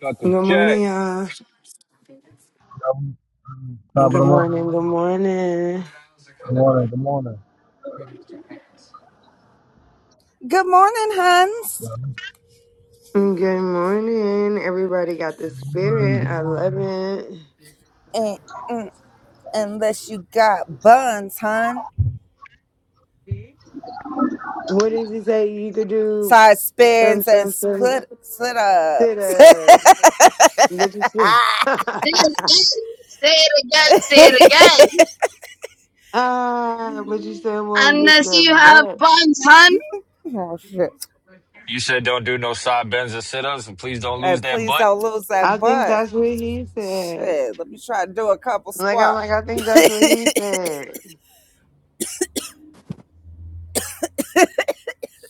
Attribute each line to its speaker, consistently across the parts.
Speaker 1: Cut the
Speaker 2: Good
Speaker 1: check.
Speaker 2: morning, y'all.
Speaker 3: Um, um,
Speaker 2: Good morning. Good morning.
Speaker 3: Good morning. Good morning. Good morning.
Speaker 4: Good morning, Huns.
Speaker 2: Good morning. Everybody got the
Speaker 3: Good morning.
Speaker 2: spirit.
Speaker 3: Good
Speaker 2: I love
Speaker 3: morning.
Speaker 2: it.
Speaker 4: Mm, mm, Unless you got buns, hun.
Speaker 2: What does he say? You could do
Speaker 4: Side
Speaker 2: some,
Speaker 4: spins and
Speaker 2: some, some
Speaker 4: split split
Speaker 2: sit
Speaker 4: ups.
Speaker 2: up, but you still,
Speaker 5: Say it again. Say it again. Say it again.
Speaker 2: ah, but you still won't get
Speaker 5: Unless
Speaker 2: your
Speaker 5: you have
Speaker 2: back.
Speaker 5: buns, hun.
Speaker 4: oh shit!
Speaker 1: You said don't do no side bends or sit ups, and please don't lose
Speaker 4: And
Speaker 1: that
Speaker 4: please
Speaker 1: butt.
Speaker 4: don't lose
Speaker 2: I
Speaker 4: that
Speaker 2: think
Speaker 4: butt.
Speaker 2: that's what he said.
Speaker 4: Shit, let me try to do a couple
Speaker 2: Like I'm
Speaker 4: squats.
Speaker 2: like I think that's what he said.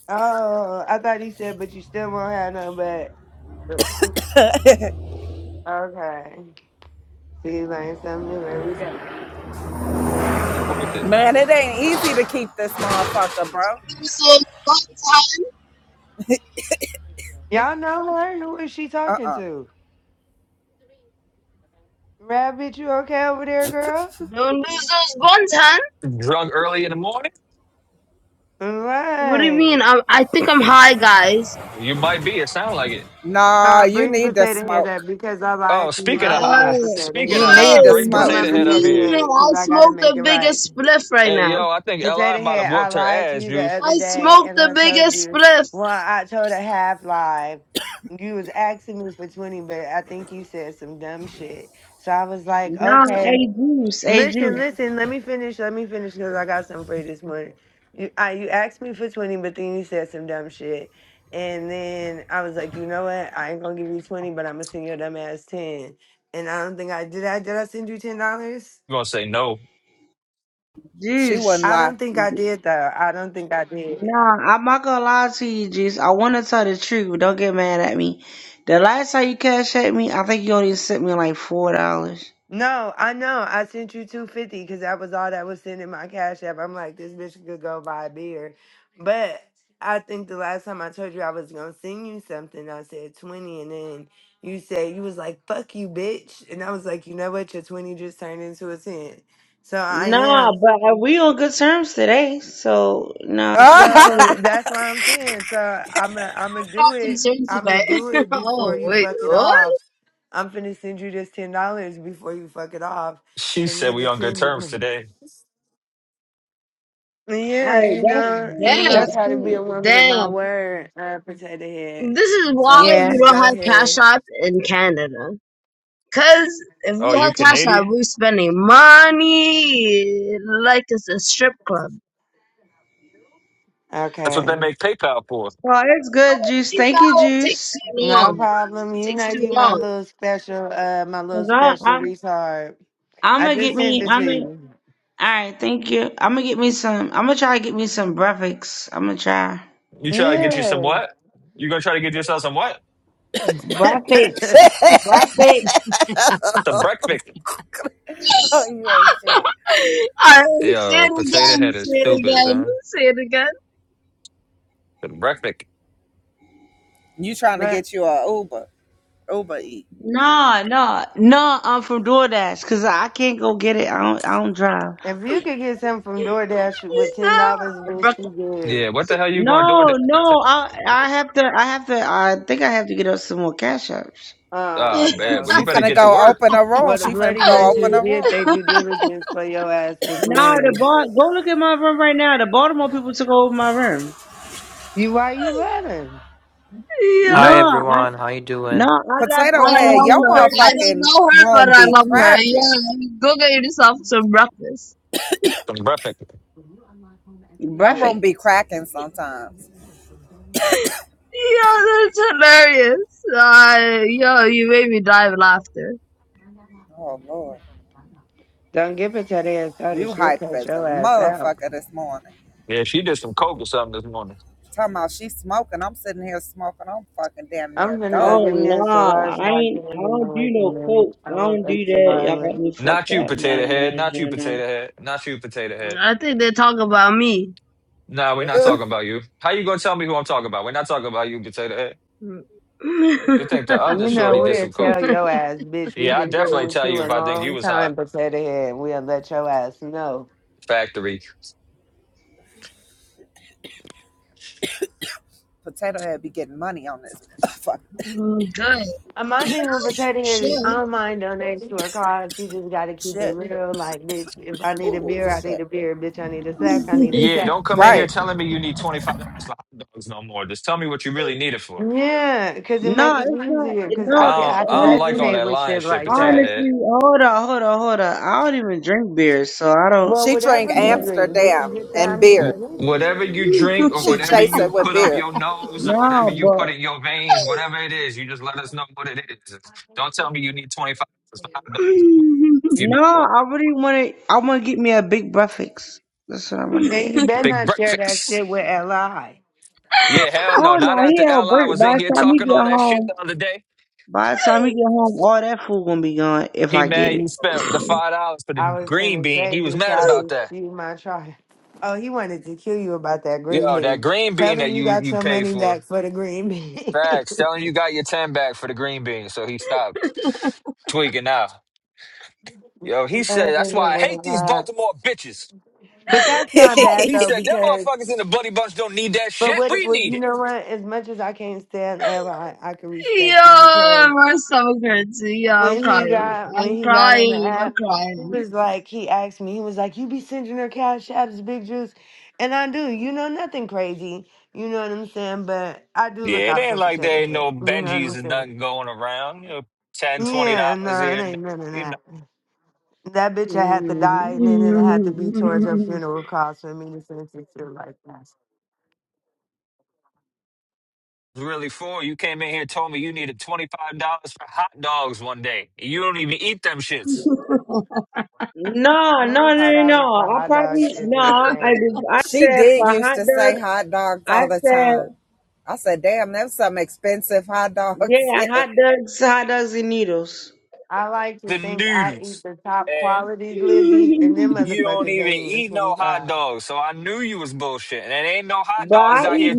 Speaker 2: Oh, I thought he said, but you still won't have no back. Okay. She learns something new every day.
Speaker 1: It Ain't worth it.
Speaker 4: Man, it ain't easy to keep this motherfucker, bro.
Speaker 5: Use those buns, hun.
Speaker 2: Y'all know her? Who is she
Speaker 4: Uh
Speaker 2: talking
Speaker 4: uh
Speaker 2: to? Rabbit, you okay over there, girl?
Speaker 5: Don't lose those buns, hun.
Speaker 1: Drunk early in the morning?
Speaker 5: What do you
Speaker 2: Right.
Speaker 5: mean? I, I think I'm high, guys.
Speaker 1: You might be. It sounds like it.
Speaker 4: Nah,
Speaker 2: Uh,
Speaker 4: you
Speaker 2: bring
Speaker 4: need to
Speaker 2: Potato Head up
Speaker 4: smoke.
Speaker 2: because I
Speaker 1: Oh,
Speaker 2: lied to you
Speaker 1: speaking
Speaker 2: the
Speaker 1: of
Speaker 2: other day,
Speaker 1: high,
Speaker 5: Oh,
Speaker 2: Potato
Speaker 1: speaking
Speaker 4: You
Speaker 1: of
Speaker 2: Head.
Speaker 1: high,
Speaker 4: need to
Speaker 5: oh,
Speaker 1: bring
Speaker 5: what
Speaker 2: Come
Speaker 5: do
Speaker 2: on,
Speaker 1: potato
Speaker 4: smoke.
Speaker 5: you
Speaker 1: head up
Speaker 2: Potato
Speaker 1: here.
Speaker 5: mean? I
Speaker 2: Head, because I got to
Speaker 5: smoke
Speaker 2: make
Speaker 5: the
Speaker 2: it right.
Speaker 5: biggest spliff right
Speaker 1: Hey,
Speaker 5: now.
Speaker 1: yo, I think Li
Speaker 2: Potato
Speaker 1: might have
Speaker 2: Head, I
Speaker 1: whooped her
Speaker 2: lied to
Speaker 1: ass,
Speaker 2: you the
Speaker 1: Juice.
Speaker 5: I
Speaker 2: other day
Speaker 5: smoke
Speaker 2: and
Speaker 5: the
Speaker 2: I told
Speaker 5: biggest
Speaker 2: you,
Speaker 5: spliff.
Speaker 2: well, I told a half lie. You was asking me for 20, but I think you said some dumb shit. So I was like,
Speaker 6: No,
Speaker 2: okay.
Speaker 6: hey Juice, hey
Speaker 2: Listen,
Speaker 6: Juice,
Speaker 2: listen. Let me finish. Let me finish because I got something for you this morning. You, I, you asked me for twenty, but then you said some dumb shit, and then I was like, you know what? I ain't gonna give you twenty, but I'm gonna send your dumb ass ten. And I don't think I did. I did. I send you ten dollars.
Speaker 1: You gonna say no?
Speaker 4: She
Speaker 6: Juice.
Speaker 4: wouldn't
Speaker 2: I
Speaker 4: lie.
Speaker 2: don't think I did though. I don't think I did.
Speaker 6: Nah, I'm not gonna lie to you, Juice. I want to tell the truth. but Don't get mad at me. The last time you cash at me, I think you only sent me like four dollars.
Speaker 2: No, I know. I sent you two fifty because that was all that was sent in my cash app. I'm like, this bitch could go buy a beer, but I think the last time I told you I was gonna send you something, I said twenty, and then you said you was like, "Fuck you, bitch," and I was like, you know what, your twenty just turned into a ten, so I
Speaker 6: Nah,
Speaker 2: am.
Speaker 6: but we on good terms today, so nah, you can send me.
Speaker 2: So
Speaker 6: All
Speaker 2: that's why I'm saying. So I'm i I'm gonna
Speaker 5: We're
Speaker 2: do
Speaker 5: not
Speaker 2: it.
Speaker 5: concerned
Speaker 2: I'm gonna
Speaker 5: today.
Speaker 2: do it before
Speaker 5: oh,
Speaker 2: you
Speaker 5: wait,
Speaker 2: fuck it
Speaker 5: what?
Speaker 2: off. I'm finna send you this ten dollars before you fuck it off,
Speaker 1: She
Speaker 2: and
Speaker 1: said
Speaker 2: then
Speaker 1: we
Speaker 2: the
Speaker 1: on good
Speaker 2: ten
Speaker 1: terms
Speaker 2: becomes.
Speaker 1: today.
Speaker 2: Yeah,
Speaker 6: right,
Speaker 2: you
Speaker 6: that's
Speaker 2: know, you
Speaker 6: cool.
Speaker 2: know, I
Speaker 6: That's
Speaker 5: Damn.
Speaker 2: try to be
Speaker 6: cool.
Speaker 2: a woman of my
Speaker 5: Damn.
Speaker 2: word, uh, potato head.
Speaker 5: This is why
Speaker 2: So let
Speaker 6: Yeah.
Speaker 5: we
Speaker 2: me
Speaker 5: don't
Speaker 2: go
Speaker 5: have Cash
Speaker 2: ahead.
Speaker 5: App in Canada. Cause if we
Speaker 1: Oh, you
Speaker 5: have cash out,
Speaker 1: Canadian?
Speaker 5: we are spending money like it's a strip club.
Speaker 1: That's what
Speaker 2: Okay,
Speaker 1: they make PayPal for.
Speaker 6: So it's good, Juice.
Speaker 5: You know,
Speaker 6: Thank you,
Speaker 5: it takes
Speaker 6: Juice.
Speaker 5: too
Speaker 2: no
Speaker 5: long. It
Speaker 2: problem. You
Speaker 5: takes
Speaker 2: know,
Speaker 5: too
Speaker 2: you my
Speaker 5: long.
Speaker 2: little special, uh, my little
Speaker 6: 'Cause I,
Speaker 2: special
Speaker 6: I'm,
Speaker 2: retard.
Speaker 6: I'm
Speaker 2: I
Speaker 6: gonna get
Speaker 2: just sent
Speaker 6: me.
Speaker 2: it
Speaker 6: I'm
Speaker 2: to
Speaker 6: gonna.
Speaker 2: you.
Speaker 6: All right, thank you. I'm gonna get me some. I'm gonna try to get me some breakfast. I'm gonna try
Speaker 1: You try to get you some
Speaker 2: Yeah,
Speaker 1: what? You gonna try to get yourself some what?
Speaker 6: breakfast, breakfast.
Speaker 1: Some breakfast.
Speaker 5: Alright, say
Speaker 1: Yo,
Speaker 5: it
Speaker 1: potato
Speaker 5: again,
Speaker 1: head is
Speaker 5: say it
Speaker 1: stupid,
Speaker 5: again,
Speaker 1: huh?
Speaker 5: say it again.
Speaker 1: Some breakfast.
Speaker 4: you trying to
Speaker 2: but
Speaker 4: get you a Uber? Uber Eats.
Speaker 6: No, no, no. I'm from DoorDash because I can't go get it. I don't. I don't drive.
Speaker 2: if you could get something from DoorDash with ten
Speaker 5: Yeah,
Speaker 2: dollars,
Speaker 5: bro.
Speaker 2: bitch, you good.
Speaker 1: Yeah, what the hell you going to do
Speaker 6: No,
Speaker 1: for ten
Speaker 6: no. I
Speaker 1: dollars?
Speaker 6: I have to. I have to. I think I have to get us some more cash apps.
Speaker 1: Ah,
Speaker 5: Yo.
Speaker 2: Oh, okay.
Speaker 1: man, but
Speaker 2: okay.
Speaker 4: She
Speaker 1: you better
Speaker 4: finna
Speaker 1: get to
Speaker 4: go
Speaker 1: work.
Speaker 4: open a room.
Speaker 2: Well, the
Speaker 4: She finna
Speaker 2: bloody
Speaker 4: go open
Speaker 2: bunches
Speaker 4: a
Speaker 2: did
Speaker 4: room.
Speaker 2: they due diligence for your ass this
Speaker 6: No, the
Speaker 2: morning.
Speaker 6: bar. Go look at my room right now. The Baltimore people took over my room.
Speaker 2: You why you let 'em?
Speaker 6: No,
Speaker 7: Hi
Speaker 6: I
Speaker 7: everyone, how you
Speaker 6: no.
Speaker 7: doing?
Speaker 6: I left.
Speaker 4: Potato
Speaker 6: I
Speaker 5: I
Speaker 6: left
Speaker 4: Head,
Speaker 5: love
Speaker 4: your
Speaker 6: one
Speaker 5: her. I
Speaker 6: person.
Speaker 5: don't
Speaker 4: motherfucking
Speaker 5: know her, but
Speaker 4: room
Speaker 5: I
Speaker 4: be
Speaker 5: love her. Yeah,
Speaker 4: cracking.
Speaker 5: go get yourself some breakfast.
Speaker 1: Some breakfast.
Speaker 4: Her
Speaker 6: Breakfast.
Speaker 4: room be cracking sometimes.
Speaker 5: Yeah, that's hilarious. Uh, yo, you made me die of laughter.
Speaker 4: Oh Lord.
Speaker 2: Don't give it your ass started.
Speaker 4: You
Speaker 2: She'll
Speaker 4: hype
Speaker 2: cut
Speaker 4: as a
Speaker 2: your ass out.
Speaker 4: motherfucker this morning.
Speaker 1: Yeah, she did some coke or something this morning.
Speaker 4: Talking about she smoking. I'm sitting here smoking. I'm fucking damn
Speaker 2: I'm
Speaker 4: near
Speaker 2: gonna go
Speaker 4: dumb.
Speaker 6: Oh
Speaker 2: get me a
Speaker 6: nah,
Speaker 2: cigar so
Speaker 6: I
Speaker 2: I
Speaker 6: ain't.
Speaker 2: can
Speaker 6: I
Speaker 2: be my
Speaker 6: don't do
Speaker 2: waking
Speaker 6: no
Speaker 2: day.
Speaker 6: coke. I
Speaker 2: I woke
Speaker 6: don't do
Speaker 2: up
Speaker 6: that. Y'all got
Speaker 2: cigarless.
Speaker 6: me
Speaker 1: Not
Speaker 6: fucked
Speaker 1: you,
Speaker 6: up. Nah, nah,
Speaker 1: potato head. Not you,
Speaker 6: nah, nah.
Speaker 1: potato head. Not you, potato head.
Speaker 5: I think they talk about me.
Speaker 1: Nah, we're not
Speaker 4: Ugh.
Speaker 1: talking about you. How you gonna tell me who I'm talking about? We're not talking about you, potato head. We think the other
Speaker 2: You know,
Speaker 1: shorty did
Speaker 2: we'll
Speaker 1: some coke.
Speaker 2: tell your ass, bitch, we've
Speaker 1: Yeah, I
Speaker 2: been dealing
Speaker 1: definitely
Speaker 2: with
Speaker 1: tell
Speaker 2: you
Speaker 1: you
Speaker 2: a
Speaker 1: if I think you
Speaker 2: long
Speaker 1: was high
Speaker 2: time, Potato Head. We'll let your ass know.
Speaker 1: factory.
Speaker 4: Potato Head be getting money on this fucking
Speaker 5: Mm, Good.
Speaker 2: And my thing with
Speaker 5: As you
Speaker 2: Potato Head is I
Speaker 5: should.
Speaker 2: don't mind donating to her cause. You just gotta keep it
Speaker 4: shit.
Speaker 2: real. Like, bitch, if I need a
Speaker 4: Ooh,
Speaker 2: beer, I need
Speaker 4: shit.
Speaker 2: a beer. Bitch, I need a sack, I need a
Speaker 1: Yeah,
Speaker 2: sack.
Speaker 1: don't come in here
Speaker 4: Right.
Speaker 1: telling me you need twenty five dollars for hot dogs no more. Just tell me what you really need it for.
Speaker 2: Yeah, cause it
Speaker 6: Nah,
Speaker 2: makes it
Speaker 6: it's not.
Speaker 2: easier.
Speaker 6: it-
Speaker 2: Cause
Speaker 6: No,
Speaker 2: I can,
Speaker 1: I don't,
Speaker 6: cause
Speaker 2: I can
Speaker 1: I don't like all
Speaker 6: honestly,
Speaker 2: resonate
Speaker 1: that
Speaker 2: with
Speaker 1: lying
Speaker 2: shit
Speaker 1: shit,
Speaker 2: like that.
Speaker 1: potato head.
Speaker 6: honestly, hold on, hold on, hold on. I don't even drink beer, so I don't.
Speaker 2: Well,
Speaker 4: She drink
Speaker 2: whatever you
Speaker 6: No,
Speaker 2: dream, bitch, you
Speaker 4: Amsterdam
Speaker 2: get
Speaker 4: and
Speaker 2: down you to
Speaker 1: Wh-
Speaker 4: beer.
Speaker 2: do
Speaker 1: Whatever you drink or
Speaker 4: She
Speaker 1: whatever
Speaker 4: chase it
Speaker 1: you
Speaker 4: with
Speaker 1: put up
Speaker 4: beer.
Speaker 1: your nose or whatever
Speaker 6: no,
Speaker 1: you put
Speaker 6: but
Speaker 1: in your veins, whatever it is, you just let us know what it is. Don't tell me you need twenty five dollars for hot dogs. That's not If you know
Speaker 6: no,
Speaker 1: what,
Speaker 6: I really want to. I want to get me a big breakfast. That's what I want to
Speaker 2: And
Speaker 6: get.
Speaker 2: you better
Speaker 1: big
Speaker 2: not share that
Speaker 1: breakfast.
Speaker 2: shit with Li.
Speaker 1: Yeah, hell no.
Speaker 6: Hell no,
Speaker 1: Not after
Speaker 6: he out
Speaker 1: Li
Speaker 6: break.
Speaker 1: was in
Speaker 6: By
Speaker 1: here
Speaker 6: the time he
Speaker 1: talking
Speaker 6: get
Speaker 1: all that shit
Speaker 6: home,
Speaker 1: the other day.
Speaker 6: by the time he get home, all that food gonna be gone if
Speaker 1: He
Speaker 6: I get
Speaker 1: mad
Speaker 6: it.
Speaker 1: you spent the five dollars for
Speaker 2: I
Speaker 1: the
Speaker 2: was
Speaker 1: green
Speaker 2: gonna
Speaker 1: bean.
Speaker 2: say,
Speaker 1: He was
Speaker 2: bitch,
Speaker 1: mad
Speaker 2: I
Speaker 1: about
Speaker 2: just
Speaker 1: that.
Speaker 2: see my child. Oh, he wanted to kill you about that green
Speaker 1: Yo, that
Speaker 2: bean.
Speaker 1: green bean
Speaker 2: Tell him
Speaker 1: that
Speaker 2: you
Speaker 1: you
Speaker 2: got
Speaker 1: you
Speaker 2: your
Speaker 1: paid
Speaker 2: money
Speaker 1: for.
Speaker 2: back for the green bean.
Speaker 1: Facts. Telling you got your ten back for the green bean, so he stopped tweaking out. Yo, he said
Speaker 2: That
Speaker 1: that's
Speaker 2: nigga
Speaker 1: why I hate
Speaker 2: was,
Speaker 1: these
Speaker 2: uh,
Speaker 1: Baltimore bitches.
Speaker 2: but that's not bad
Speaker 1: He
Speaker 2: though,
Speaker 1: said, them
Speaker 2: because
Speaker 1: motherfuckers in the buddy bunch don't need that shit.
Speaker 2: but what,
Speaker 1: We
Speaker 2: what
Speaker 1: need
Speaker 2: you
Speaker 1: it.
Speaker 2: know what? As much as I can't stand Li, I can respect it
Speaker 5: Yo,
Speaker 2: because
Speaker 5: my stomach hurts. Yo, I'm
Speaker 2: when he
Speaker 5: crying.
Speaker 2: got when
Speaker 5: I'm
Speaker 2: he got on the
Speaker 5: crying. I'm
Speaker 2: app, he
Speaker 5: crying.
Speaker 2: was like he asked me, he was like, You be sending her cash apps, big juice. And I do, you know, nothing crazy. You know what I'm saying? But I do
Speaker 1: Yeah,
Speaker 2: look
Speaker 1: it
Speaker 2: out
Speaker 1: ain't
Speaker 2: for
Speaker 1: like
Speaker 2: potato
Speaker 1: there ain't
Speaker 2: head.
Speaker 1: no
Speaker 2: You know what
Speaker 1: Benjis
Speaker 2: I'm
Speaker 1: and
Speaker 2: saying?
Speaker 1: nothing going around. You know, ten, twenty
Speaker 2: Yeah,
Speaker 1: dollars
Speaker 2: no, it
Speaker 1: here and
Speaker 2: ain't none of
Speaker 1: there. You know,
Speaker 2: that. That bitch I had to die and then it had to be towards her funeral cost for me to send some shit like that.
Speaker 1: it's really for you came in here and told me you needed $25 for hot dogs one day. And you don't even eat them shits.
Speaker 6: No, no,
Speaker 2: Twenty
Speaker 6: no,
Speaker 2: five
Speaker 6: no.
Speaker 2: dollars for
Speaker 6: I
Speaker 2: hot dogs
Speaker 6: probably
Speaker 2: is
Speaker 6: no. I
Speaker 2: insane.
Speaker 6: I
Speaker 4: She
Speaker 6: said
Speaker 4: did
Speaker 6: for
Speaker 4: used
Speaker 6: hot
Speaker 4: to say
Speaker 6: dogs.
Speaker 4: hot dogs
Speaker 6: I
Speaker 4: all the time.
Speaker 6: said
Speaker 4: I said, damn, them some expensive hot dogs.
Speaker 6: yeah, hot dogs, hot dogs and noodles.
Speaker 2: I like to
Speaker 1: The
Speaker 2: think I eat
Speaker 1: noodles.
Speaker 2: the top
Speaker 1: And
Speaker 2: quality glizzies, and them
Speaker 1: you don't
Speaker 2: motherfuckers
Speaker 1: even
Speaker 2: ain't even
Speaker 1: eat no hot
Speaker 2: 25.
Speaker 1: dogs. So I knew you was bullshit. And it ain't no hot
Speaker 6: But I
Speaker 1: dogs out
Speaker 6: eat
Speaker 1: here.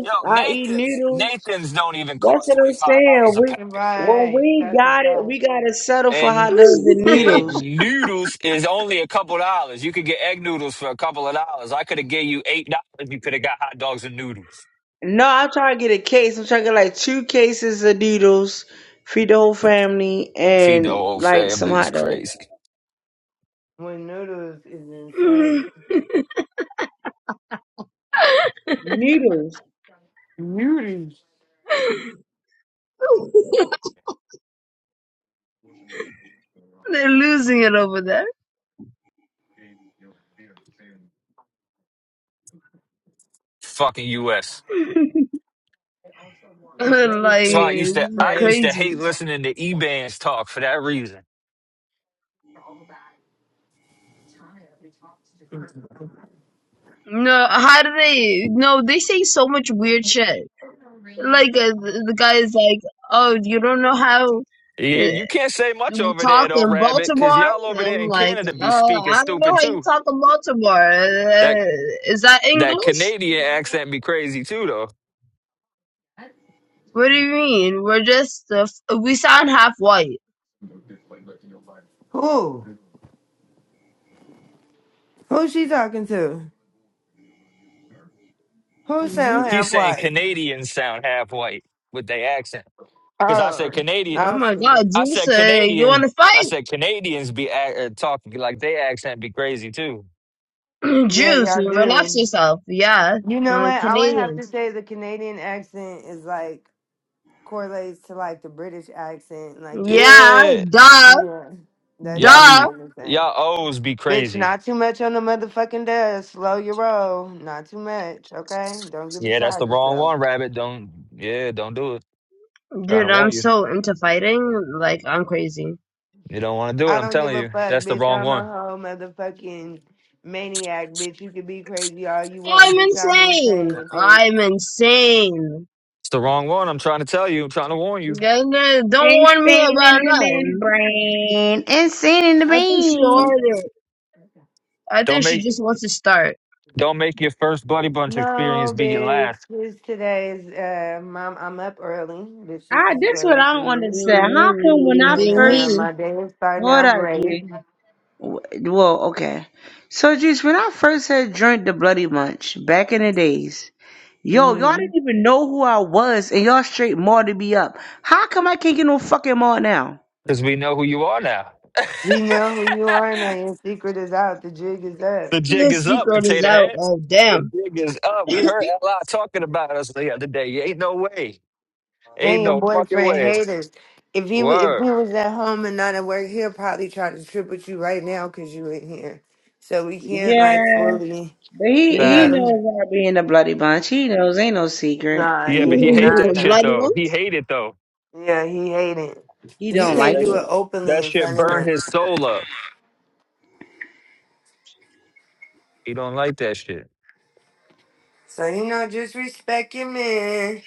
Speaker 1: Yo,
Speaker 6: I eat
Speaker 1: Nathan's
Speaker 6: noodles.
Speaker 1: Nathan's don't even
Speaker 6: That's
Speaker 1: cost
Speaker 6: what I'm saying.
Speaker 1: $25 a
Speaker 6: We
Speaker 1: pack.
Speaker 6: when
Speaker 2: Right,
Speaker 6: we
Speaker 2: that's a
Speaker 6: got it,
Speaker 2: fact.
Speaker 6: we gotta settle for
Speaker 1: and."
Speaker 6: hot dogs and
Speaker 1: and
Speaker 6: noodles.
Speaker 1: noodles is only a couple dollars. You could get egg noodles for a couple of dollars. I could have gave you eight dollars. You could have got hot dogs and noodles.
Speaker 6: No, I'm trying to get a case. I'm trying to get like two cases of noodles, feed the whole family,
Speaker 1: Feed the
Speaker 6: and
Speaker 1: whole
Speaker 6: like some
Speaker 1: family is
Speaker 6: hot dogs.
Speaker 1: crazy.
Speaker 2: When noodles is insane.
Speaker 6: Noodles.
Speaker 2: Noodles
Speaker 5: They're losing it over there.
Speaker 1: Fucking U.S.
Speaker 2: That is very
Speaker 5: like,
Speaker 1: So I used to
Speaker 5: it's
Speaker 1: I
Speaker 2: Right.
Speaker 1: used to hate
Speaker 5: crazy.
Speaker 1: listening to E-Bands talk for that reason.
Speaker 5: No, how do they? No, they say so much weird shit. like uh, the the guy is like, "Oh, you don't know how
Speaker 1: Yeah,
Speaker 5: uh,
Speaker 1: you can't say much
Speaker 5: we
Speaker 1: over there
Speaker 5: talk
Speaker 1: though,
Speaker 5: in
Speaker 1: Rabbit, because
Speaker 5: Baltimore."
Speaker 1: y'all
Speaker 5: And
Speaker 1: over there
Speaker 5: I'm
Speaker 1: in
Speaker 5: like,
Speaker 1: Canada be
Speaker 5: "Oh,
Speaker 1: speaking
Speaker 5: I don't know
Speaker 1: stupid
Speaker 5: how you
Speaker 1: too.
Speaker 5: talk in Baltimore.
Speaker 1: That
Speaker 5: Uh, is that
Speaker 1: that
Speaker 5: English?
Speaker 1: Canadian accent be crazy too though.
Speaker 5: What do you mean? We're just uh, f- we sound half white."
Speaker 2: Who? Who she talking to? Who sound
Speaker 5: You,
Speaker 1: He's
Speaker 2: half
Speaker 1: saying
Speaker 2: white?
Speaker 1: Canadians sound half white with their accent. Because I
Speaker 2: Oh,
Speaker 1: said Canadian.
Speaker 5: oh
Speaker 2: I
Speaker 5: my
Speaker 2: see.
Speaker 5: God,
Speaker 1: I
Speaker 5: Juice,
Speaker 1: said
Speaker 5: uh, you
Speaker 1: Canadians.
Speaker 5: want to
Speaker 1: I
Speaker 5: fight?
Speaker 1: said Canadians be act, uh, talking like they accent be crazy too.
Speaker 2: Yeah,
Speaker 5: Juice,
Speaker 2: y'all
Speaker 5: relax
Speaker 2: do.
Speaker 5: yourself. Yeah,
Speaker 2: You know
Speaker 5: uh,
Speaker 2: what? I would have to
Speaker 5: Canadians.
Speaker 2: say the Canadian accent is like correlates to like the British accent. Like you,
Speaker 5: Yeah,
Speaker 1: Yeah,
Speaker 5: duh,
Speaker 2: yeah, that's
Speaker 1: y'all
Speaker 2: just
Speaker 5: duh.
Speaker 2: what
Speaker 1: be
Speaker 2: I'm saying.
Speaker 1: y'all O's be
Speaker 2: Bitch,
Speaker 1: crazy.
Speaker 2: not too much on the motherfucking desk. Slow your roll. Not too much, okay? Don't get
Speaker 1: Yeah, that's
Speaker 2: beside
Speaker 1: the wrong
Speaker 2: yourself.
Speaker 1: one, Rabbit. Don't yeah, don't do it. trying to
Speaker 5: Dude, I'm
Speaker 1: warn you.
Speaker 5: so into fighting. Like, I'm crazy.
Speaker 1: You don't want to do it.
Speaker 2: I
Speaker 1: I'm
Speaker 2: don't give
Speaker 1: telling
Speaker 2: a
Speaker 1: you,
Speaker 2: fuck,
Speaker 1: that's the
Speaker 2: bitch.
Speaker 1: wrong
Speaker 2: I'm a
Speaker 1: one.
Speaker 2: whole motherfucking maniac, bitch. You can be crazy all you want,
Speaker 5: I'm
Speaker 2: bitch. I'm
Speaker 5: insane.
Speaker 2: insane, bitch.
Speaker 5: I'm insane.
Speaker 1: It's the wrong one. I'm trying to tell you. I'm trying to warn you.
Speaker 5: Ganga, don't warn me
Speaker 6: Insane
Speaker 5: about
Speaker 6: in the
Speaker 5: nothing.
Speaker 6: membrane. Insane in the
Speaker 5: I think she
Speaker 6: brain.
Speaker 5: ordered. I
Speaker 1: Don't
Speaker 5: think she
Speaker 1: make
Speaker 5: just wants to start.
Speaker 1: don't make your first buddy bunch experience
Speaker 2: No,
Speaker 1: be your
Speaker 2: bitch.
Speaker 1: last,
Speaker 2: This today's uh mom I'm up early. Bitch, this
Speaker 6: Ah,
Speaker 2: is
Speaker 6: this what
Speaker 2: early
Speaker 6: I
Speaker 2: for
Speaker 6: don't
Speaker 2: me.
Speaker 5: Mm,
Speaker 6: understand. How come when
Speaker 5: You're
Speaker 6: I
Speaker 2: And
Speaker 5: getting
Speaker 6: first
Speaker 2: uh
Speaker 5: me.
Speaker 2: my day is starting
Speaker 6: hold
Speaker 2: out
Speaker 6: up,
Speaker 2: great.
Speaker 6: G? W- Well, okay. So, Juice, when I first had drank the Bloody Munch back in the days, yo, y'all
Speaker 2: hmm
Speaker 6: didn't even know who I was, and y'all straight mauled me up. How come I can't get no fucking maul now?
Speaker 1: because we know who you are now.
Speaker 2: You know who you are now. Your secret is out. The jig is up.
Speaker 1: the jig
Speaker 5: This
Speaker 1: is up,
Speaker 5: secret is
Speaker 1: potato
Speaker 5: out.
Speaker 1: head.
Speaker 5: Oh,
Speaker 1: The
Speaker 5: damn.
Speaker 1: jig is up. We heard a lot talking about us the other day. Ain't no way. Ain't
Speaker 2: And your
Speaker 1: no fucking
Speaker 2: boyfriend
Speaker 1: way.
Speaker 2: haters. If he wa- if
Speaker 1: Word.
Speaker 2: he was at home and not at work, he'll probably try to trip with you right now because you in here. So we can't like
Speaker 6: Yeah,
Speaker 2: fully,
Speaker 6: but
Speaker 2: you
Speaker 6: he he
Speaker 2: know.
Speaker 1: Fact.
Speaker 6: knows I be in the Bloody Bunch. He knows ain't no secret.
Speaker 2: Nah,
Speaker 1: Yeah,
Speaker 2: he
Speaker 1: but he
Speaker 2: do
Speaker 1: hate
Speaker 2: not
Speaker 1: that shit
Speaker 5: Bloody
Speaker 2: know.
Speaker 1: though. He
Speaker 5: ones?
Speaker 1: hate it though.
Speaker 2: Yeah, he hating.
Speaker 6: He
Speaker 2: You
Speaker 6: don't
Speaker 1: It,
Speaker 6: like
Speaker 2: can't
Speaker 1: that
Speaker 2: do
Speaker 1: sh-
Speaker 6: it.
Speaker 2: it openly
Speaker 1: that
Speaker 2: in
Speaker 1: shit
Speaker 2: front of
Speaker 1: burned
Speaker 2: him.
Speaker 1: his soul up. He don't like that shit.
Speaker 2: So you know, just respect your man.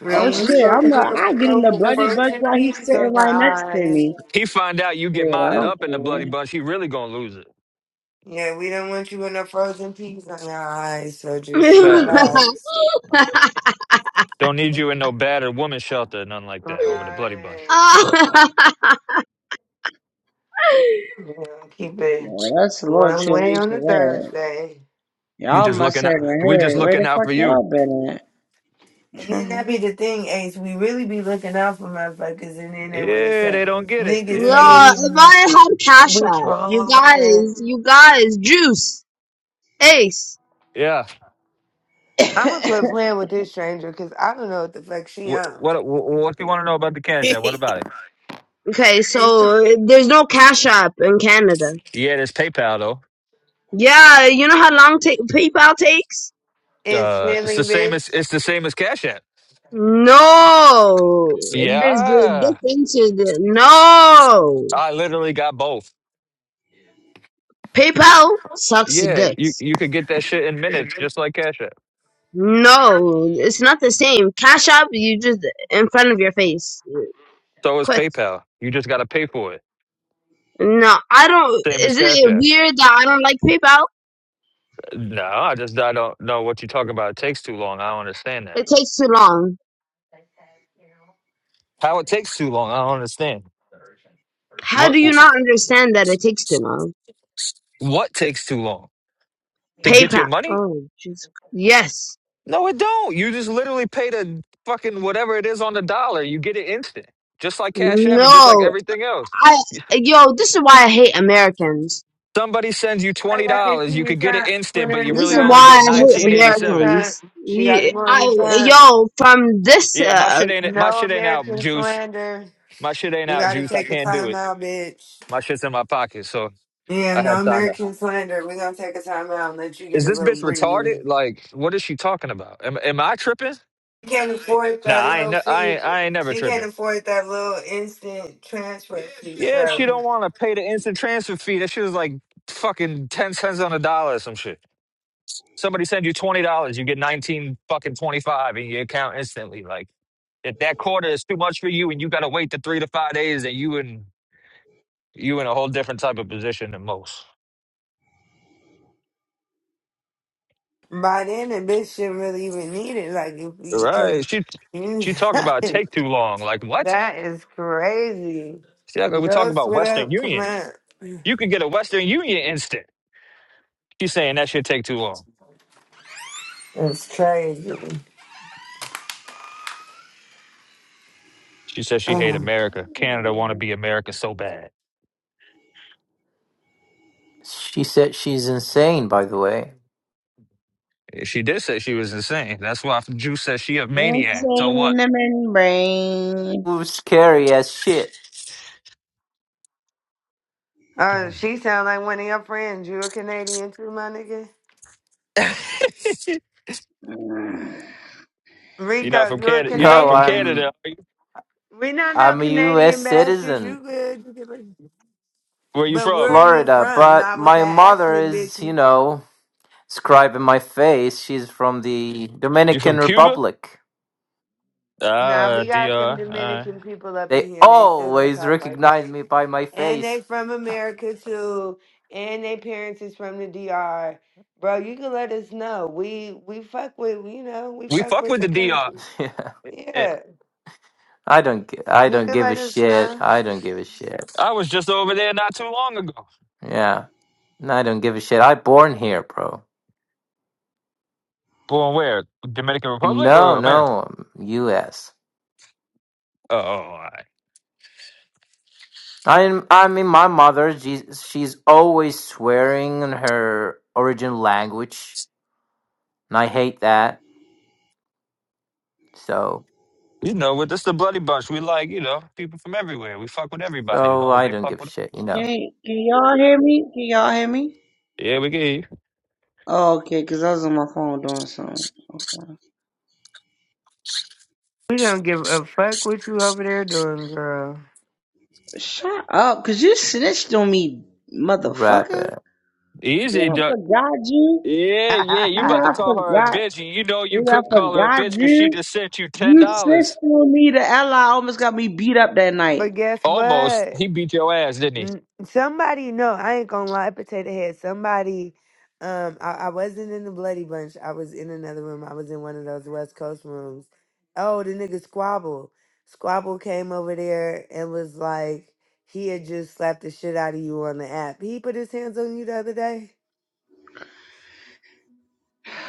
Speaker 2: We
Speaker 6: Oh
Speaker 2: don't
Speaker 6: shit,
Speaker 2: want you over
Speaker 6: I'm a,
Speaker 2: here
Speaker 6: I
Speaker 2: with
Speaker 6: get in the
Speaker 2: no
Speaker 6: bloody bush
Speaker 2: frozen
Speaker 6: while he's
Speaker 2: peas
Speaker 6: sitting
Speaker 2: on your
Speaker 6: right next to
Speaker 2: eyes.
Speaker 6: me.
Speaker 1: He find out you get
Speaker 6: Shit, I
Speaker 1: modded
Speaker 6: don't
Speaker 1: up in the bloody
Speaker 6: care.
Speaker 1: bunch. He really gonna lose it.
Speaker 2: Yeah, we don't want you with no frozen peas on your eyes. So
Speaker 5: Yo,
Speaker 2: just
Speaker 1: Fact.
Speaker 2: relax.
Speaker 1: Don't need you in no battered woman shelter, nothing like
Speaker 2: All
Speaker 1: that. Over the bloody bunch.
Speaker 2: right. Yeah, keep it
Speaker 6: No, that's a little
Speaker 2: one
Speaker 6: too
Speaker 2: way
Speaker 6: late
Speaker 2: on
Speaker 6: for
Speaker 2: a
Speaker 6: that.
Speaker 2: Thursday.
Speaker 1: We
Speaker 6: Y'all
Speaker 1: just
Speaker 6: must
Speaker 1: looking
Speaker 6: have
Speaker 1: out. We just
Speaker 6: heard. Where
Speaker 1: looking
Speaker 6: the
Speaker 1: out
Speaker 6: fuck
Speaker 1: for you.
Speaker 6: y'all been at?
Speaker 2: And then that be the thing, Ace. We really be looking out for motherfuckers, and then they want to
Speaker 1: Yeah,
Speaker 2: say,
Speaker 1: they don't get it.
Speaker 2: niggas
Speaker 1: Yeah,
Speaker 5: if
Speaker 2: hating,
Speaker 5: I had Cash
Speaker 2: we
Speaker 5: App, you
Speaker 2: trolling.
Speaker 5: guys, you guys, Juice, Ace.
Speaker 1: yeah.
Speaker 2: I'm gonna quit playing with this stranger because I don't know what the fuck she
Speaker 1: What
Speaker 2: on.
Speaker 1: what what, what do you want to know about the Cash
Speaker 4: Yeah.
Speaker 1: App? What about it?
Speaker 5: Okay, so uh, there's no Cash App in Canada.
Speaker 1: Yeah, there's PayPal
Speaker 5: Yeah, you know how long take PayPal takes?
Speaker 1: though. Uh, it's the
Speaker 2: Instantly,
Speaker 1: same as
Speaker 2: bitch.
Speaker 1: it's the same as Cash App.
Speaker 5: No, there's a
Speaker 1: Yeah,
Speaker 5: difference. in the- No,
Speaker 1: I literally got both.
Speaker 5: PayPal sucks
Speaker 1: Yeah, you
Speaker 5: dicks.
Speaker 1: you could get that shit in minutes, just like Cash App.
Speaker 5: No, it's not the same. Cash App, you just in front of your face,
Speaker 1: So is
Speaker 5: quick.
Speaker 1: PayPal. You just got to pay for it,
Speaker 5: No, I don't.
Speaker 1: same as
Speaker 5: Is it
Speaker 1: Cash App.
Speaker 5: weird that I don't like PayPal?
Speaker 1: Uh, No, I just I don't know what you're talking about. It takes too long. I don't understand that.
Speaker 5: It takes too long.
Speaker 1: How it takes too long? I don't understand.
Speaker 5: How
Speaker 1: What
Speaker 5: do you not understand that it takes too long?
Speaker 1: what takes too long to get your
Speaker 5: PayPal.
Speaker 1: money?
Speaker 5: Oh, jeez. Yes.
Speaker 1: No, it don't. You just literally pay the fucking whatever it is on the dollar. You get it instant, just like Cash App and just like
Speaker 5: No.
Speaker 1: everything else.
Speaker 5: I yo, this is why I hate Americans.
Speaker 1: Somebody sends you
Speaker 2: Put
Speaker 1: twenty
Speaker 2: that that
Speaker 1: dollars,
Speaker 2: in
Speaker 1: you
Speaker 2: the
Speaker 1: could get it
Speaker 2: trunk.
Speaker 1: instant,
Speaker 2: Put her
Speaker 1: but
Speaker 2: in
Speaker 1: you
Speaker 5: This
Speaker 2: the
Speaker 5: is
Speaker 1: really only
Speaker 2: trunk.
Speaker 1: get
Speaker 5: why I
Speaker 2: Put the
Speaker 5: hate
Speaker 1: nineteen
Speaker 2: bitch
Speaker 1: eighty
Speaker 2: in the
Speaker 1: seven.
Speaker 2: trunk.
Speaker 5: Americans.
Speaker 2: She got to
Speaker 5: You,
Speaker 2: go in
Speaker 5: I,
Speaker 2: the trunk.
Speaker 5: yo, from this,
Speaker 1: Yeah, my
Speaker 5: uh,
Speaker 1: shit ain't my
Speaker 2: No
Speaker 1: shit ain't out,
Speaker 2: American
Speaker 1: Juice.
Speaker 2: slander.
Speaker 1: My shit ain't
Speaker 2: You
Speaker 1: out,
Speaker 2: got to
Speaker 1: Juice. I
Speaker 2: take the
Speaker 1: can't do
Speaker 2: time
Speaker 1: it.
Speaker 2: out, bitch.
Speaker 1: My shit's in my pocket, so
Speaker 2: Yeah,
Speaker 1: I
Speaker 2: no
Speaker 1: had time to.
Speaker 2: American slander. We're gonna take a time out and let you get
Speaker 1: Is
Speaker 2: a
Speaker 1: this
Speaker 2: little
Speaker 1: bitch
Speaker 2: breather.
Speaker 1: retarded? Like, what is she talking about? Am, am I tripping?
Speaker 2: She can't afford
Speaker 1: Nah,
Speaker 2: that
Speaker 1: I ain't.
Speaker 2: little
Speaker 1: ne- I
Speaker 2: fee.
Speaker 1: ain't, I ain't never
Speaker 2: She can't
Speaker 1: tripping.
Speaker 2: afford that little instant transfer fee.
Speaker 1: Yeah, she
Speaker 2: So
Speaker 1: don't want to pay the instant transfer fee. That shit is like fucking ten cents on a dollar or some shit. Somebody send you twenty dollars, you get nineteen fucking twenty five in your account instantly. Like. if that quarter is too much for you and you got to wait the three to five days, and you in you in a whole different type of position than most.
Speaker 2: by then, the bitch should really even need it. Like, if we, because
Speaker 1: Right? She she talking about take too long. Like what?
Speaker 2: that is crazy.
Speaker 1: She act like we're talking
Speaker 2: Go
Speaker 1: about
Speaker 2: split
Speaker 1: Western
Speaker 2: up. Come
Speaker 1: Union.
Speaker 2: on.
Speaker 1: You could get a Western Union instant. She's saying that should take too long.
Speaker 2: That's crazy.
Speaker 1: She says she hate
Speaker 2: Uh-huh.
Speaker 1: America. Canada want to be America so bad.
Speaker 7: She said she's insane, by the way.
Speaker 1: Yeah, She did say she was insane. That's why Juice says she a
Speaker 6: I'm
Speaker 1: maniac. So
Speaker 6: saying in
Speaker 1: what?
Speaker 6: the membrane.
Speaker 7: Ooh, scary as shit.
Speaker 2: Oh, uh,
Speaker 1: you're
Speaker 2: she sound like one of your friends. You a Canadian too, my nigga?
Speaker 6: Mm.
Speaker 1: not
Speaker 2: Rico,
Speaker 1: from
Speaker 2: you a
Speaker 1: Canada. You're not
Speaker 7: No,
Speaker 1: from
Speaker 2: Canadian?
Speaker 1: Canada.
Speaker 7: I'm
Speaker 1: are you?
Speaker 2: We not no
Speaker 7: I'm a U.S.
Speaker 2: Canadian bastards.
Speaker 7: citizen,
Speaker 2: You good? You good.
Speaker 1: Where you
Speaker 2: But where are
Speaker 1: from?
Speaker 2: you
Speaker 7: Florida,
Speaker 2: from?
Speaker 7: but
Speaker 2: Not with
Speaker 7: my
Speaker 2: that
Speaker 7: mother
Speaker 2: accent,
Speaker 7: is, you
Speaker 2: bitch.
Speaker 7: know, scribe in my face. She's from the
Speaker 1: You from
Speaker 7: Dominican
Speaker 1: Cuba?
Speaker 7: Republic.
Speaker 2: Nah,
Speaker 1: Ah,
Speaker 2: we got some
Speaker 1: DR. Uh,
Speaker 2: Dominican people up
Speaker 7: They
Speaker 2: in here. They still don't
Speaker 7: always
Speaker 2: talk like
Speaker 7: recognize
Speaker 2: that.
Speaker 7: me by my
Speaker 2: And
Speaker 7: face.
Speaker 2: they from America too. And their parents is from the DR. Bro, you can let us know. We we fuck with you know, we
Speaker 1: we
Speaker 2: fuck
Speaker 1: fuck
Speaker 2: with
Speaker 1: with
Speaker 2: the
Speaker 1: the DR.
Speaker 2: country.
Speaker 7: Yeah,
Speaker 1: Eh,
Speaker 2: Yeah.
Speaker 7: I don't gi- I
Speaker 2: You
Speaker 7: don't
Speaker 2: can
Speaker 7: give a
Speaker 2: let us
Speaker 7: shit.
Speaker 2: know.
Speaker 7: I don't give a shit.
Speaker 1: I was just over there not too long ago.
Speaker 7: Yeah, I don't give a shit. I born here, bro.
Speaker 1: Born where? Dominican Republic
Speaker 7: No,
Speaker 1: or America?
Speaker 7: no, U.S.
Speaker 1: Oh, all right.
Speaker 7: I I mean, my mother, she's, she's always swearing in her original language, and I hate that. So,
Speaker 1: You know, with this the bloody bunch. We like, you know, people from everywhere. We fuck with everybody as
Speaker 7: so
Speaker 1: long as
Speaker 7: I
Speaker 1: they
Speaker 7: don't
Speaker 1: fuck
Speaker 7: give a
Speaker 1: with us.
Speaker 7: shit, you know.
Speaker 6: Can, can y'all hear me? Can y'all hear me?
Speaker 1: Yeah, we get you.
Speaker 6: Oh, okay, cause I was on my phone doing something. Okay.
Speaker 2: We don't give a fuck what you over there doing, girl.
Speaker 6: Shut cause you snitched on me, motherfucker.
Speaker 7: Rabbit.
Speaker 6: Then
Speaker 1: Easy,
Speaker 6: I
Speaker 1: duck.
Speaker 6: forgot you.
Speaker 1: Yeah, yeah. You
Speaker 6: We
Speaker 1: about to
Speaker 6: done
Speaker 2: but
Speaker 1: call her a
Speaker 6: forgot.
Speaker 1: bitch, and you know you
Speaker 6: we done
Speaker 1: couldn't call her a
Speaker 6: forgot,
Speaker 1: bitch because she
Speaker 6: you.
Speaker 1: just sent you ten
Speaker 6: You
Speaker 1: dollars.
Speaker 6: sistering me to Ella almost got me beat up that night.
Speaker 2: guess
Speaker 1: Almost.
Speaker 2: what?
Speaker 1: He beat your ass, didn't
Speaker 2: Mm, Somebody, no, I ain't gonna lie, potato head. Somebody, um, I, I wasn't in the bloody bunch. I was in another room. I was in one of those West Coast rooms. Oh, the nigga Squabble. Squabble came over there and was like, he had just slapped the shit out of you on the app. He put his hands on you the other day.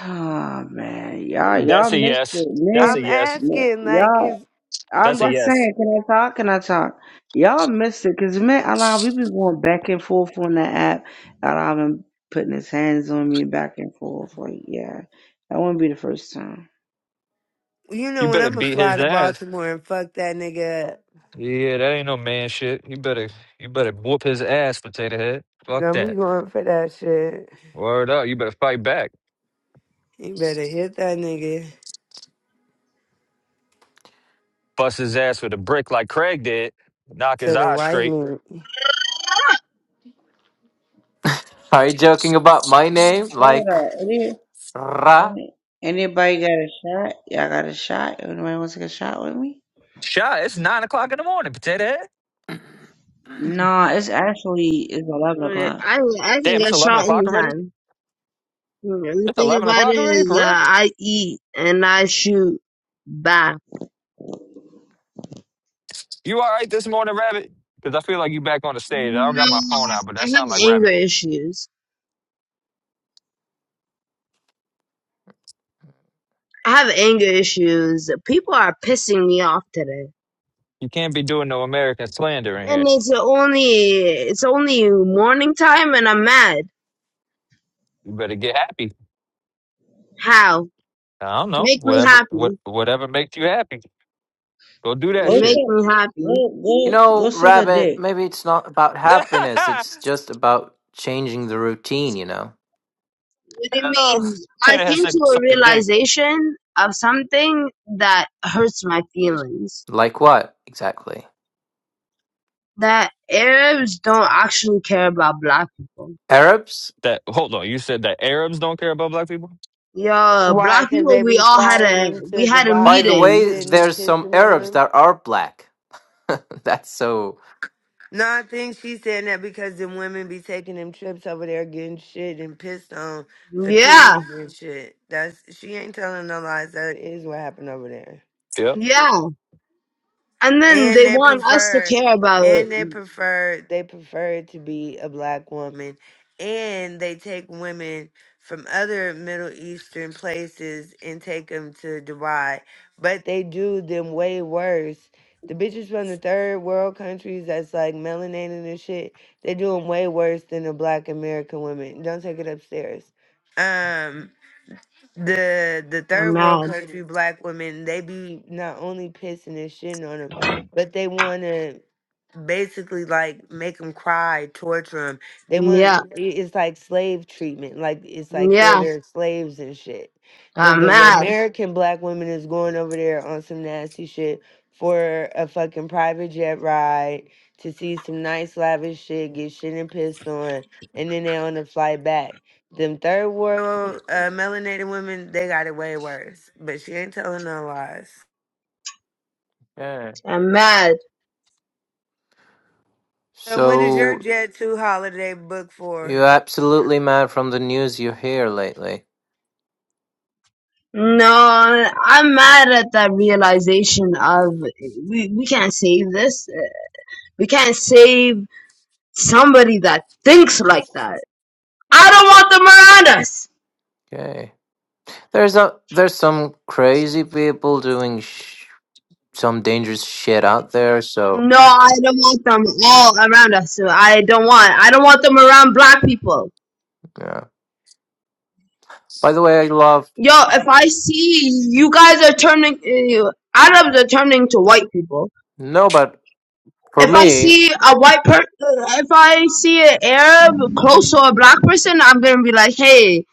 Speaker 6: Oh man, y'all,
Speaker 1: he?
Speaker 6: y'all
Speaker 1: That's a
Speaker 6: missed
Speaker 1: yes.
Speaker 6: it,
Speaker 1: That's
Speaker 6: man.
Speaker 1: a
Speaker 2: I'm
Speaker 1: yes.
Speaker 6: Man,
Speaker 2: asking, like,
Speaker 6: Y'all,
Speaker 2: cause
Speaker 6: I'm
Speaker 1: That's a
Speaker 2: squab.
Speaker 6: just
Speaker 1: yes.
Speaker 6: saying. Can I talk? Can I talk? Y'all missed it, cause man, Ella, we been going back and forth on that app. Ella been putting his hands on me back and forth. Like, yeah, that wouldn't be the first time.
Speaker 2: You
Speaker 1: You
Speaker 2: know when
Speaker 1: better
Speaker 2: I'ma
Speaker 1: beat
Speaker 2: fly
Speaker 1: his
Speaker 2: to
Speaker 1: ass.
Speaker 2: Baltimore and fuck that nigga. up.
Speaker 1: Yeah, that ain't no man shit. You better you better whoop his ass, potato head. Fuck
Speaker 2: Don't be
Speaker 1: that.
Speaker 2: going for that shit.
Speaker 1: Word up, you better fight back.
Speaker 2: You better hit that nigga.
Speaker 1: Bust his ass with a brick like Craig did. Knock his
Speaker 2: to the
Speaker 1: eyes
Speaker 2: white
Speaker 1: straight.
Speaker 2: meat.
Speaker 7: Are you joking about my name?
Speaker 6: Hold
Speaker 7: Like,
Speaker 6: up, any,
Speaker 7: ra?
Speaker 6: any, anybody got a shot? Y'all got a shot? Anybody wants to get a shot with me?
Speaker 1: Shot, it's nine o'clock in the morning, potato head.
Speaker 6: Nah, it's actually it's eleven
Speaker 5: uh,
Speaker 6: o'clock.
Speaker 5: I, I can
Speaker 1: Damn, it's
Speaker 5: get
Speaker 1: eleven
Speaker 5: shot
Speaker 1: o'clock already.
Speaker 5: anytime. The
Speaker 1: It's
Speaker 5: thing
Speaker 1: eleven
Speaker 5: about it
Speaker 1: o'clock already,
Speaker 5: is,
Speaker 1: for
Speaker 5: uh,
Speaker 1: real?
Speaker 5: I eat and I shoot back.
Speaker 1: You alright this morning, Rabbit? Because I feel like you back on the stage. I don't got
Speaker 5: No,
Speaker 1: my phone out, but
Speaker 5: I
Speaker 1: that
Speaker 5: have
Speaker 1: sound like
Speaker 5: anger
Speaker 1: Rabbit.
Speaker 5: issues. I have anger issues. People are pissing me off today,
Speaker 1: You can't be doing no American slander in here.
Speaker 5: and it's only it's only morning time, and I'm mad.
Speaker 1: You better get happy.
Speaker 5: How?
Speaker 1: I don't know.
Speaker 5: Make me
Speaker 1: Whatever what
Speaker 5: happy.
Speaker 1: whatever makes you happy. Go do that
Speaker 6: Go
Speaker 1: shit.
Speaker 5: Make
Speaker 6: suck,
Speaker 5: me happy.
Speaker 6: go
Speaker 7: You
Speaker 6: go go
Speaker 7: know,
Speaker 6: suck a
Speaker 7: rabbit,
Speaker 6: dick.
Speaker 7: maybe it's not about happiness, it's just about changing the routine, you know?
Speaker 5: What it
Speaker 1: Uh,
Speaker 5: means, I
Speaker 1: Taylor has
Speaker 5: came to
Speaker 1: said
Speaker 5: a
Speaker 1: suck a dick.
Speaker 5: realization of something that hurts my feelings.
Speaker 7: Like what, exactly?
Speaker 5: That Arabs don't actually care about black people.
Speaker 7: Arabs?
Speaker 1: That hold on, you said that Arabs don't care about black people.
Speaker 5: Yeah,
Speaker 2: Why?
Speaker 5: black
Speaker 2: Because
Speaker 5: people,
Speaker 2: they
Speaker 5: we
Speaker 2: be
Speaker 5: all had
Speaker 2: flying
Speaker 5: a
Speaker 2: them
Speaker 5: we
Speaker 2: to
Speaker 5: had a
Speaker 7: By the
Speaker 2: Dubai and
Speaker 5: meeting.
Speaker 7: way,
Speaker 2: shitting and
Speaker 7: there's some
Speaker 2: pissing on
Speaker 7: Arabs
Speaker 2: them?
Speaker 7: that are black. That's so.
Speaker 2: No, I think she's saying that because the women be taking them trips over there getting shit and pissed on for pennies
Speaker 5: Yeah,
Speaker 2: and shit. That's She ain't telling no lies. That is what happened over there.
Speaker 1: Yep.
Speaker 5: yeah. And then
Speaker 2: And
Speaker 5: they
Speaker 2: they
Speaker 5: want us to
Speaker 2: prefer,
Speaker 5: care about
Speaker 2: and they prefer, they prefer to be a black woman, and they take women from other Middle Eastern places and take them to Dubai, but they do them way worse. The bitches from the third world countries that's like melanated and shit, they do them way worse than the black American women. Don't take it upstairs. Um, the the
Speaker 5: I'm
Speaker 2: third world
Speaker 5: mad.
Speaker 2: country black women they be not only pissing and shitting on them, but they wanna basically like make them cry, torture them. They
Speaker 5: Yeah,
Speaker 2: want i- it's like slave treatment. Like it's like they're
Speaker 5: yeah.
Speaker 2: their slaves and shit. The
Speaker 5: I'm
Speaker 2: the
Speaker 5: mad.
Speaker 2: American black woman is going over there on some nasty shit for a fucking private jet ride to see some nice lavish shit, get shit and pissed on, and then they on the flight back. Them third world uh, melanated women, they got it way worse. But she ain't telling no lies.
Speaker 7: Yeah.
Speaker 5: I'm mad.
Speaker 2: Uh, When is your
Speaker 7: So
Speaker 2: jet two holiday booked for?
Speaker 7: You're absolutely mad from the news you hear lately.
Speaker 5: No, I'm mad at that realization of we, we can't save this. We can't save somebody that thinks like that. I don't want them around us.
Speaker 7: Okay. There's a there's some crazy people doing sh- some dangerous shit out there. So
Speaker 5: No, I don't want them all around us. So I don't want. I don't want them around black people.
Speaker 7: yeah. By the way, I love
Speaker 5: Yo, if I see you guys are turning, uh, Arabs are turning to white people.
Speaker 7: no, but for
Speaker 5: If I
Speaker 7: me,
Speaker 5: see a white person, if I see an Arab close to a black person, I'm gonna be like, hey,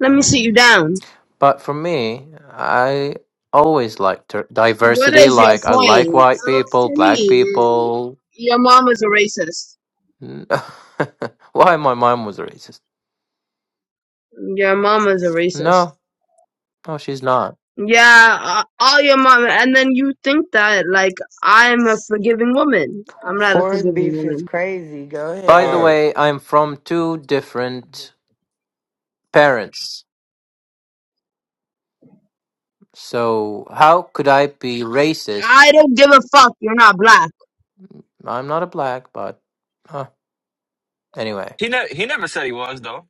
Speaker 5: let me sit you down.
Speaker 7: but for me, I always like ter-
Speaker 5: What
Speaker 7: diversity.
Speaker 5: is your
Speaker 7: Like I like
Speaker 5: point?
Speaker 7: white
Speaker 5: Uh,
Speaker 7: people,
Speaker 5: to
Speaker 7: black
Speaker 5: me,
Speaker 7: people.
Speaker 5: your mom is a racist.
Speaker 7: N- Why my mom was a racist?
Speaker 5: Your mom is a racist.
Speaker 7: No, no, she's not.
Speaker 5: Yeah, uh, all your mom, and then you think that like I'm a forgiving woman. I'm not a
Speaker 2: Foreign
Speaker 5: forgiving
Speaker 2: beef is
Speaker 5: woman.
Speaker 2: crazy. Go
Speaker 7: By the
Speaker 1: Uh,
Speaker 2: ahead.
Speaker 7: way, I'm from two different parents. So how could I be racist?
Speaker 5: I don't give a fuck. You're not black,
Speaker 7: I'm not a black, but uh, anyway,
Speaker 1: he ne- he never said he was though.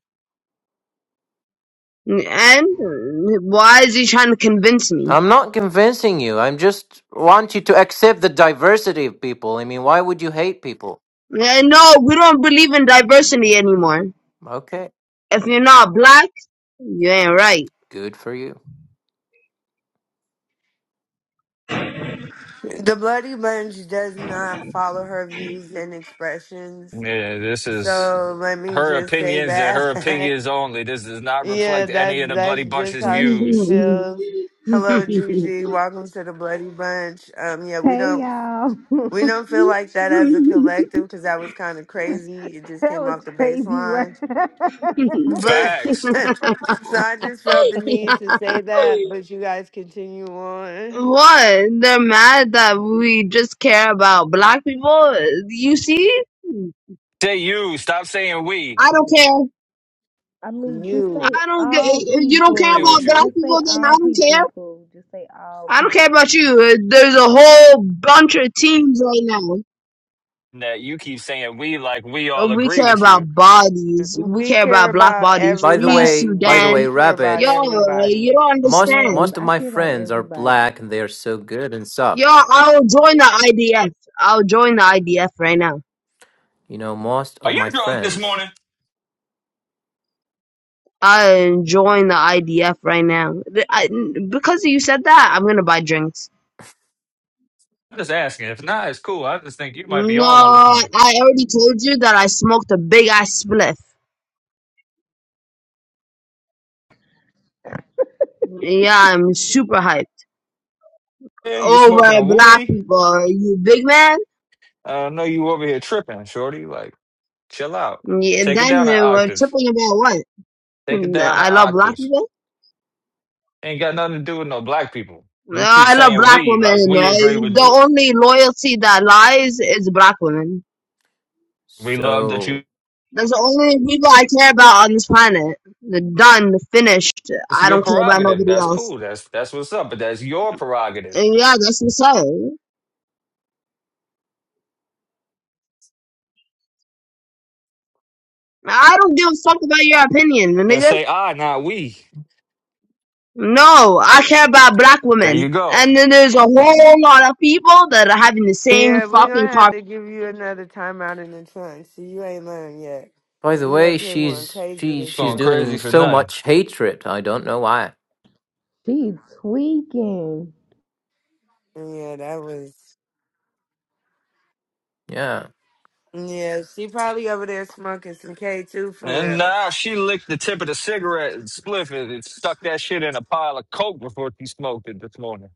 Speaker 5: and uh, why is he trying to convince me?
Speaker 7: I'm not convincing you. I'm just want you to accept the diversity of people. I mean, why would you hate people?
Speaker 5: Yeah, no, we don't believe in diversity anymore.
Speaker 7: Okay,
Speaker 5: If you're not black, you ain't right.
Speaker 7: good for you.
Speaker 2: The Bloody Bunch does not follow her views and expressions.
Speaker 1: Yeah, this is
Speaker 2: So let me
Speaker 1: her
Speaker 2: just say
Speaker 1: opinions and
Speaker 2: that.
Speaker 1: her opinions only. This does not
Speaker 2: yeah,
Speaker 1: reflect
Speaker 2: that's
Speaker 1: any of the bloody
Speaker 2: that's just
Speaker 1: bunch's
Speaker 2: how she
Speaker 1: views.
Speaker 2: feels. Hello, Gigi. Welcome to the Bloody Bunch. Um, yeah, we
Speaker 8: Hey
Speaker 2: don't
Speaker 8: y'all.
Speaker 2: we
Speaker 8: that
Speaker 2: don't feel like that as a collective because that was kind of crazy. It just came
Speaker 8: was
Speaker 2: off the
Speaker 8: crazy work.
Speaker 2: baseline. But
Speaker 1: Facts.
Speaker 2: so I just felt the need to say that. But you guys continue on.
Speaker 5: what? They're mad that we just care about black people. You see,
Speaker 1: Say you. Stop saying we.
Speaker 5: I don't care.
Speaker 8: I mean, just
Speaker 2: You.
Speaker 8: say
Speaker 5: I don't get. eh,
Speaker 8: all
Speaker 5: eh, you don't care
Speaker 1: Agree with
Speaker 5: about
Speaker 8: people.
Speaker 5: black
Speaker 1: you.
Speaker 8: Just say
Speaker 5: people, then
Speaker 8: all
Speaker 5: I don't care.
Speaker 8: people, Pooh. Just say all
Speaker 5: I don't care
Speaker 8: people.
Speaker 5: about you. Eh, There's a whole bunch of teams right now.
Speaker 1: That you keep saying we like we
Speaker 5: Uh,
Speaker 1: all
Speaker 5: We
Speaker 1: agree
Speaker 5: care
Speaker 1: with you.
Speaker 5: about bodies. We
Speaker 2: We
Speaker 5: care
Speaker 2: care
Speaker 5: about black
Speaker 2: about
Speaker 5: bodies.
Speaker 7: By the
Speaker 5: Free
Speaker 2: everybody.
Speaker 7: way, by
Speaker 2: We
Speaker 7: the way,
Speaker 5: Sudan.
Speaker 2: we care about
Speaker 5: Yo,
Speaker 7: rabbits.
Speaker 5: uh,
Speaker 2: everybody.
Speaker 5: you don't
Speaker 7: Most
Speaker 8: Yes,
Speaker 5: understand.
Speaker 7: most of
Speaker 8: I
Speaker 7: my
Speaker 8: care about
Speaker 7: friends are
Speaker 8: everybody.
Speaker 7: black, and they are so good and
Speaker 5: Yo,
Speaker 7: soft.
Speaker 5: I'll join the IDF. I'll join the IDF right now.
Speaker 7: You know, most
Speaker 1: Are
Speaker 7: of
Speaker 1: you
Speaker 7: my
Speaker 1: drunk this
Speaker 7: friends.
Speaker 1: morning?
Speaker 5: I'll join the IDF right now. Th- I, because you said that, I'm gonna buy drinks.
Speaker 1: I'm just asking. If not, it's cool. I just think you might be
Speaker 5: No,
Speaker 1: on one this morning.
Speaker 5: I already told you that I smoked a big ass spliff. Yeah, I'm super hyped.
Speaker 1: Yeah, you
Speaker 5: Over
Speaker 1: smoking a
Speaker 5: black
Speaker 1: wooly?
Speaker 5: people, you big man?
Speaker 1: I know you over here tripping, shorty. Like, chill out.
Speaker 5: Yeah,
Speaker 1: Take it
Speaker 5: then
Speaker 1: down an
Speaker 5: uh, we're
Speaker 1: octave.
Speaker 5: tripping about what?
Speaker 1: Take it
Speaker 5: Mm,
Speaker 1: down an
Speaker 5: I love black
Speaker 1: octave.
Speaker 5: people?
Speaker 1: Ain't got nothing to do with no black people.
Speaker 5: Uh,
Speaker 1: You keep
Speaker 5: I love
Speaker 1: saying
Speaker 5: black
Speaker 1: we,
Speaker 5: women.
Speaker 1: like we
Speaker 5: Uh,
Speaker 1: agree with
Speaker 5: the
Speaker 1: you.
Speaker 5: only loyalty that lies is black women.
Speaker 1: We love that you.
Speaker 7: So,
Speaker 5: That's the only people I care about on this planet. Done, finished.
Speaker 1: That's
Speaker 5: I
Speaker 1: your
Speaker 5: don't care about
Speaker 1: prerogative.
Speaker 5: nobody
Speaker 1: That's
Speaker 5: else.
Speaker 1: cool. That's that's what's up. But that's your prerogative.
Speaker 5: And yeah, that's what's up. I don't give a fuck about your opinion,
Speaker 1: Then
Speaker 5: nigga.
Speaker 1: say I, not we.
Speaker 5: No, I care about black
Speaker 1: There
Speaker 5: women.
Speaker 1: you go.
Speaker 5: And then there's a whole lot of people that are having the same
Speaker 2: Yeah, we're
Speaker 5: fucking
Speaker 2: gonna have to give you another time out in the trunk. See, you ain't learned yet.
Speaker 7: by the
Speaker 2: You
Speaker 7: way,
Speaker 2: up here going
Speaker 7: she's
Speaker 2: crazy
Speaker 7: she
Speaker 2: this
Speaker 7: she's
Speaker 1: Going
Speaker 2: morning.
Speaker 1: crazy
Speaker 7: doing
Speaker 1: for
Speaker 7: so
Speaker 1: nothing.
Speaker 7: much hatred. I don't know why.
Speaker 8: She's tweaking.
Speaker 2: Yeah, that was.
Speaker 7: Yeah.
Speaker 2: Yeah, she probably over there smoking some K2 for
Speaker 1: And
Speaker 2: real.
Speaker 1: now she licked the tip of the cigarette and spliff it and stuck that shit in a pile of coke before she smoked it this morning.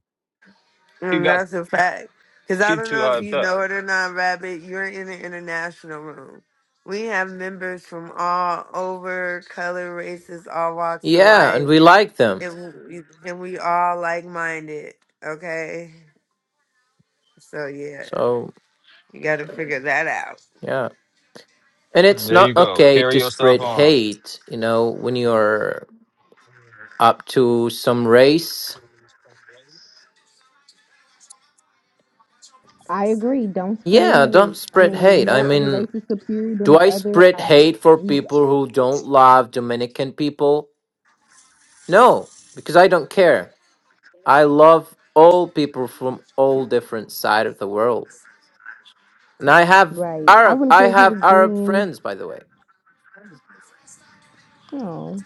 Speaker 1: She
Speaker 2: And
Speaker 1: got
Speaker 2: that's a fact. Because I
Speaker 1: she
Speaker 2: don't
Speaker 1: too
Speaker 2: know if
Speaker 1: hyped
Speaker 2: you
Speaker 1: up.
Speaker 2: know it or not, Rabbit. You're in the international room. We have members from all over, color, races, all walks of
Speaker 7: Yeah, and
Speaker 2: life
Speaker 7: we like them.
Speaker 2: and we, and we all like minded. Okay, so yeah,
Speaker 7: So,
Speaker 2: you got to figure that out.
Speaker 7: yeah. And it's
Speaker 1: There you
Speaker 7: not
Speaker 1: go.
Speaker 7: okay
Speaker 1: Carry
Speaker 7: to
Speaker 1: yourself
Speaker 7: spread
Speaker 1: on.
Speaker 7: hate, you know, when you're up to some race.
Speaker 8: I agree. Don't spread
Speaker 7: Yeah, don't
Speaker 8: hate. I
Speaker 7: spread
Speaker 8: mean,
Speaker 7: hate. I
Speaker 8: no other
Speaker 7: mean,
Speaker 8: race is superior than
Speaker 7: do
Speaker 8: the
Speaker 7: I
Speaker 8: other.
Speaker 7: spread
Speaker 8: I just,
Speaker 7: hate for
Speaker 8: we,
Speaker 7: people who don't love Dominican people? No, because I don't care. I love all people from all different side of the world. And I have
Speaker 8: right. I
Speaker 7: Arab
Speaker 8: wouldn't
Speaker 7: I
Speaker 8: care if he
Speaker 7: have
Speaker 8: was
Speaker 7: Arab
Speaker 8: green.
Speaker 7: friends by the way.
Speaker 8: Oh,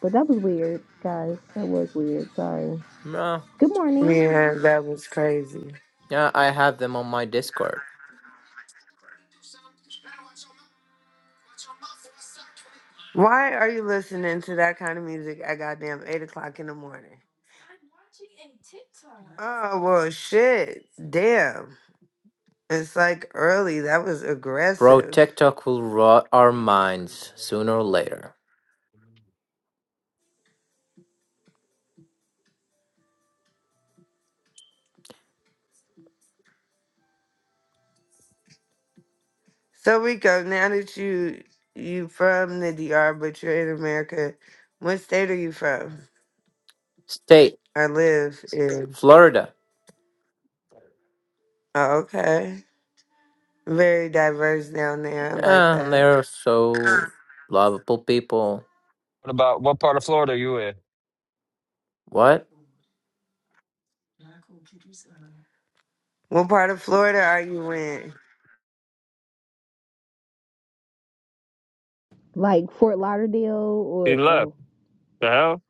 Speaker 8: but that was weird, guys. That was weird. Sorry.
Speaker 7: No.
Speaker 8: Good morning.
Speaker 2: Yeah, that was crazy.
Speaker 7: Yeah, I have them on my Discord.
Speaker 2: Why are you listening to that kind of music at goddamn eight o'clock in the morning? Oh well, shit, damn. It's like early. That was aggressive.
Speaker 7: Bro-TikTok will rot our minds sooner or later.
Speaker 2: So Rico, now that you you from the D.R. but you're in America, what state are you from?
Speaker 7: State,
Speaker 2: I live in.
Speaker 7: Florida.
Speaker 2: Oh, okay. Very diverse down there. I like
Speaker 7: Yeah,
Speaker 2: that.
Speaker 7: they're so lovable people.
Speaker 1: What about what part of Florida are you in?
Speaker 7: What?
Speaker 2: What part of Florida are you in?
Speaker 8: Like Fort Lauderdale
Speaker 1: He
Speaker 8: or
Speaker 1: left.
Speaker 8: oh.
Speaker 1: The hell?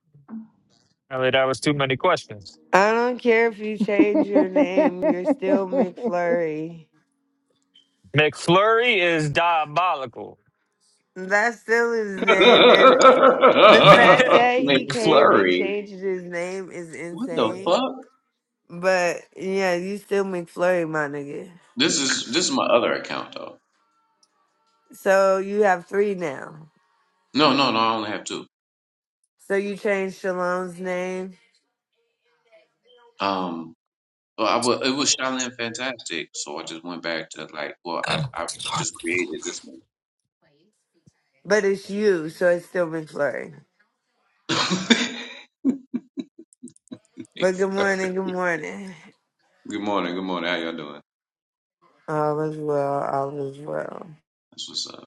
Speaker 1: I Apparently that was too many questions.
Speaker 2: I don't care if you change your name, you're still McFlurry.
Speaker 1: McFlurry is diabolical.
Speaker 2: That's still his name. And the fact that he came
Speaker 1: McFlurry.
Speaker 2: and
Speaker 9: McFlurry.
Speaker 2: changed his name is
Speaker 9: What the
Speaker 2: insane.
Speaker 9: fuck?
Speaker 2: But yeah, you still McFlurry, my nigga.
Speaker 9: This is this is my other account though.
Speaker 2: So you have three now.
Speaker 9: No, no, no. I only have two.
Speaker 2: So you changed Shalom's name,
Speaker 9: Um, well, I wa- it was Shaolin Fantastic, so I just went back to like, well, I I just created this one.
Speaker 2: but it's you, so it's still McFlurry. But good morning, good
Speaker 9: McFlurry.
Speaker 2: morning.
Speaker 9: Good morning. Good morning. How y'all doing?
Speaker 2: All is well, all is well.
Speaker 9: That's what's up.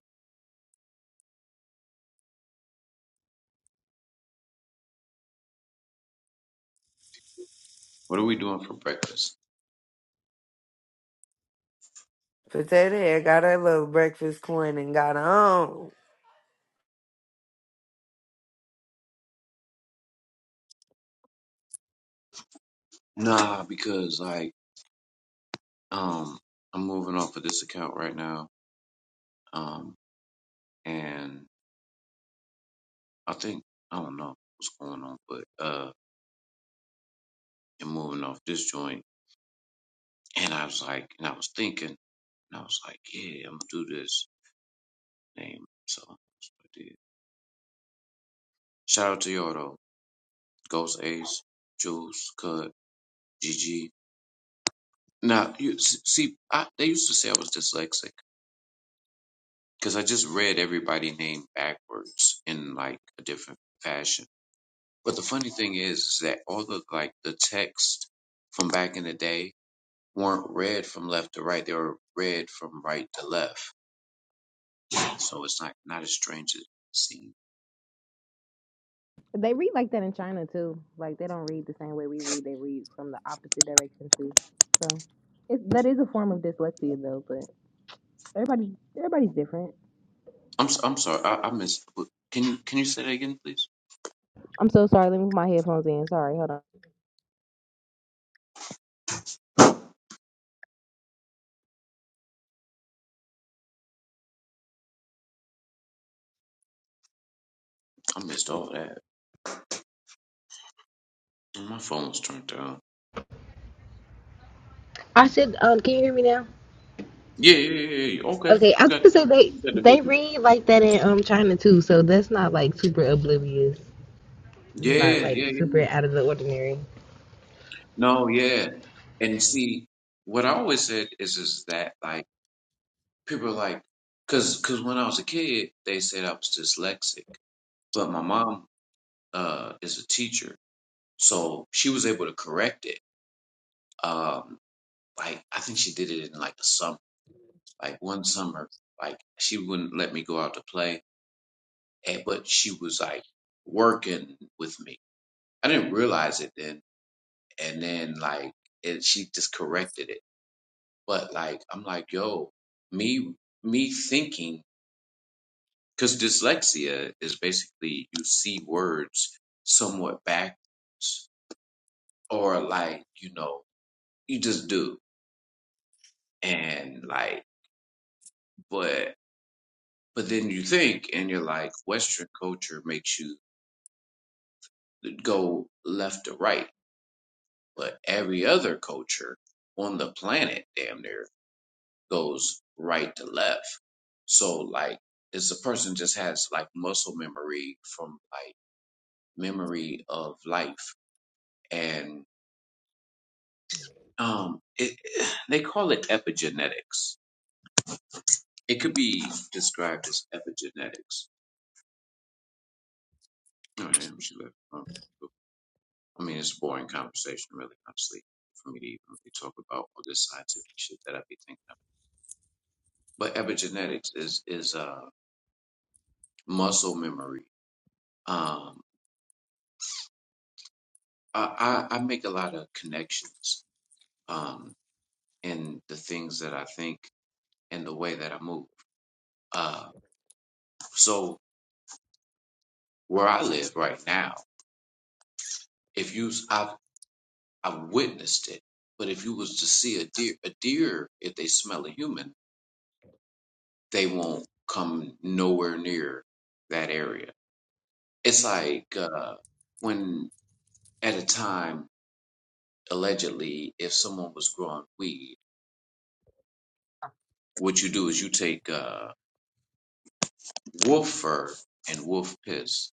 Speaker 9: What are we doing for breakfast?
Speaker 2: Potato head got her little breakfast coin and got on.
Speaker 9: Nah, because like um, I'm moving off of this account right now. Um, and I think I don't know what's going on, but uh. and moving off this joint. And I was like, and I was thinking, and I was like, yeah, I'm gonna do this name. So that's what I did. Shout out to y'all though, Ghost Ace, Jules, Cut, GG. Now you see, I, they used to say I was dyslexic because I just read everybody' name backwards in like a different fashion. But the funny thing is, is that all the like the text from back in the day weren't read from left to right; they were read from right to left so it's not not as strange as it seems.
Speaker 8: they read like that in China too. Like they don't read the same way we read. They read from the opposite direction too. So it's, that is a form of dyslexia though. But everybody, everybody's different.
Speaker 9: I'm s- I'm sorry, I, I missed. what- Can you can you say that again, please?
Speaker 8: I'm so sorry. Let me put my headphones in. Sorry, hold on.
Speaker 9: I missed all that. My phone was turned down.
Speaker 8: I said, um, can you hear me now?
Speaker 9: Yeah, yeah, yeah. yeah. yeah. Okay,
Speaker 8: Okay, I
Speaker 9: you
Speaker 8: was
Speaker 9: got
Speaker 8: supposed to say
Speaker 9: you
Speaker 8: they
Speaker 9: got the big
Speaker 8: they
Speaker 9: one.
Speaker 8: read like that in um China too, so that's not like super oblivious, not
Speaker 9: Yeah,
Speaker 8: like
Speaker 9: yeah, yeah.
Speaker 8: super
Speaker 9: yeah.
Speaker 8: out of the ordinary.
Speaker 9: No, yeah. And see, what I always said is is that like people are like, cause cause when I was a kid, they said I was dyslexic, but my mom uh is a teacher, so she was able to correct it. Um, like I think she did it in like the summer like one summer, like she wouldn't let me go out to play, and, but she was like working with me. I didn't realize it then, and then like and she just corrected it. But like I'm like, yo, me me thinking because dyslexia is basically you see words somewhat backwards, or like you know you just do, and like but but then you think and you're like Western culture makes you go left to right, but every other culture on the planet, damn near, goes right to left. So like, it's a person just has like muscle memory from like memory of life, and um, it, they call it epigenetics. It could be described as epigenetics. Oh, damn, she left. Oh, cool. I mean, it's a boring conversation, really, honestly, for me to even really talk about all this scientific shit that I be thinking. but epigenetics is is uh, muscle memory. Um, I, I I make a lot of connections um, in the things that I think and the way that I move. Uh, so where I live right now, if you I have I've I've witnessed it, but if you was to see a deer, a deer if they smell a human, they won't come nowhere near that area. It's like uh, when at a time allegedly if someone was growing weed What you do is you take uh, wolf fur and wolf piss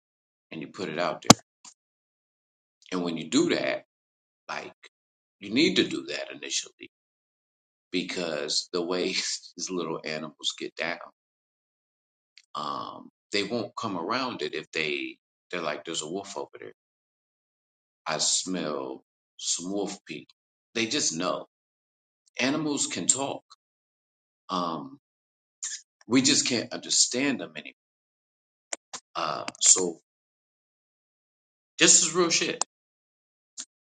Speaker 9: and you put it out there. And when you do that, like you need to do that initially because the way these little animals get down, um, they won't come around it if they they're like, "There's a wolf over there. I smell some wolf pee." They just know. Animals can talk. Um, we just can't understand them anymore. Uh, so this is real shit.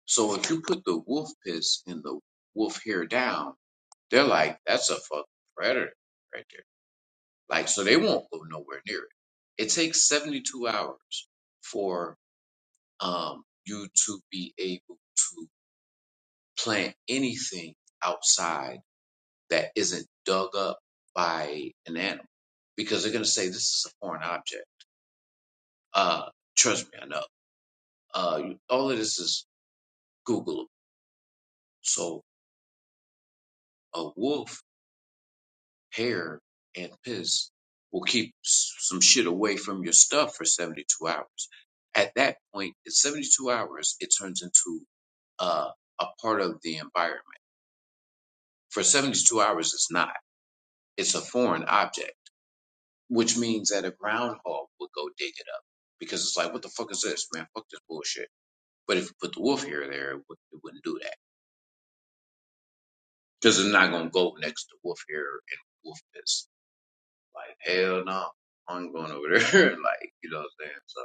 Speaker 9: So if you put the wolf piss and the wolf hair down, they're like, that's a fucking predator right there. Like, so they won't go nowhere near it. It takes 72 hours for um, you to be able to plant anything outside that isn't dug up by an animal because they're going to say this is a foreign object. Uh, trust me, I know. Uh, all of this is Googleable. So a wolf hair and piss will keep some shit away from your stuff for 72 hours. At that point, in 72 hours, it turns into uh, a part of the environment. For 72 hours, it's not. It's a foreign object, which means that a groundhog would go dig it up because it's like, what the fuck is this, man? Fuck this bullshit. But if you put the wolf hair there, it, would, it wouldn't do that because it's not going to go next to wolf hair and wolf piss. Like, hell no. I'm going over there. like, you know what I'm saying? So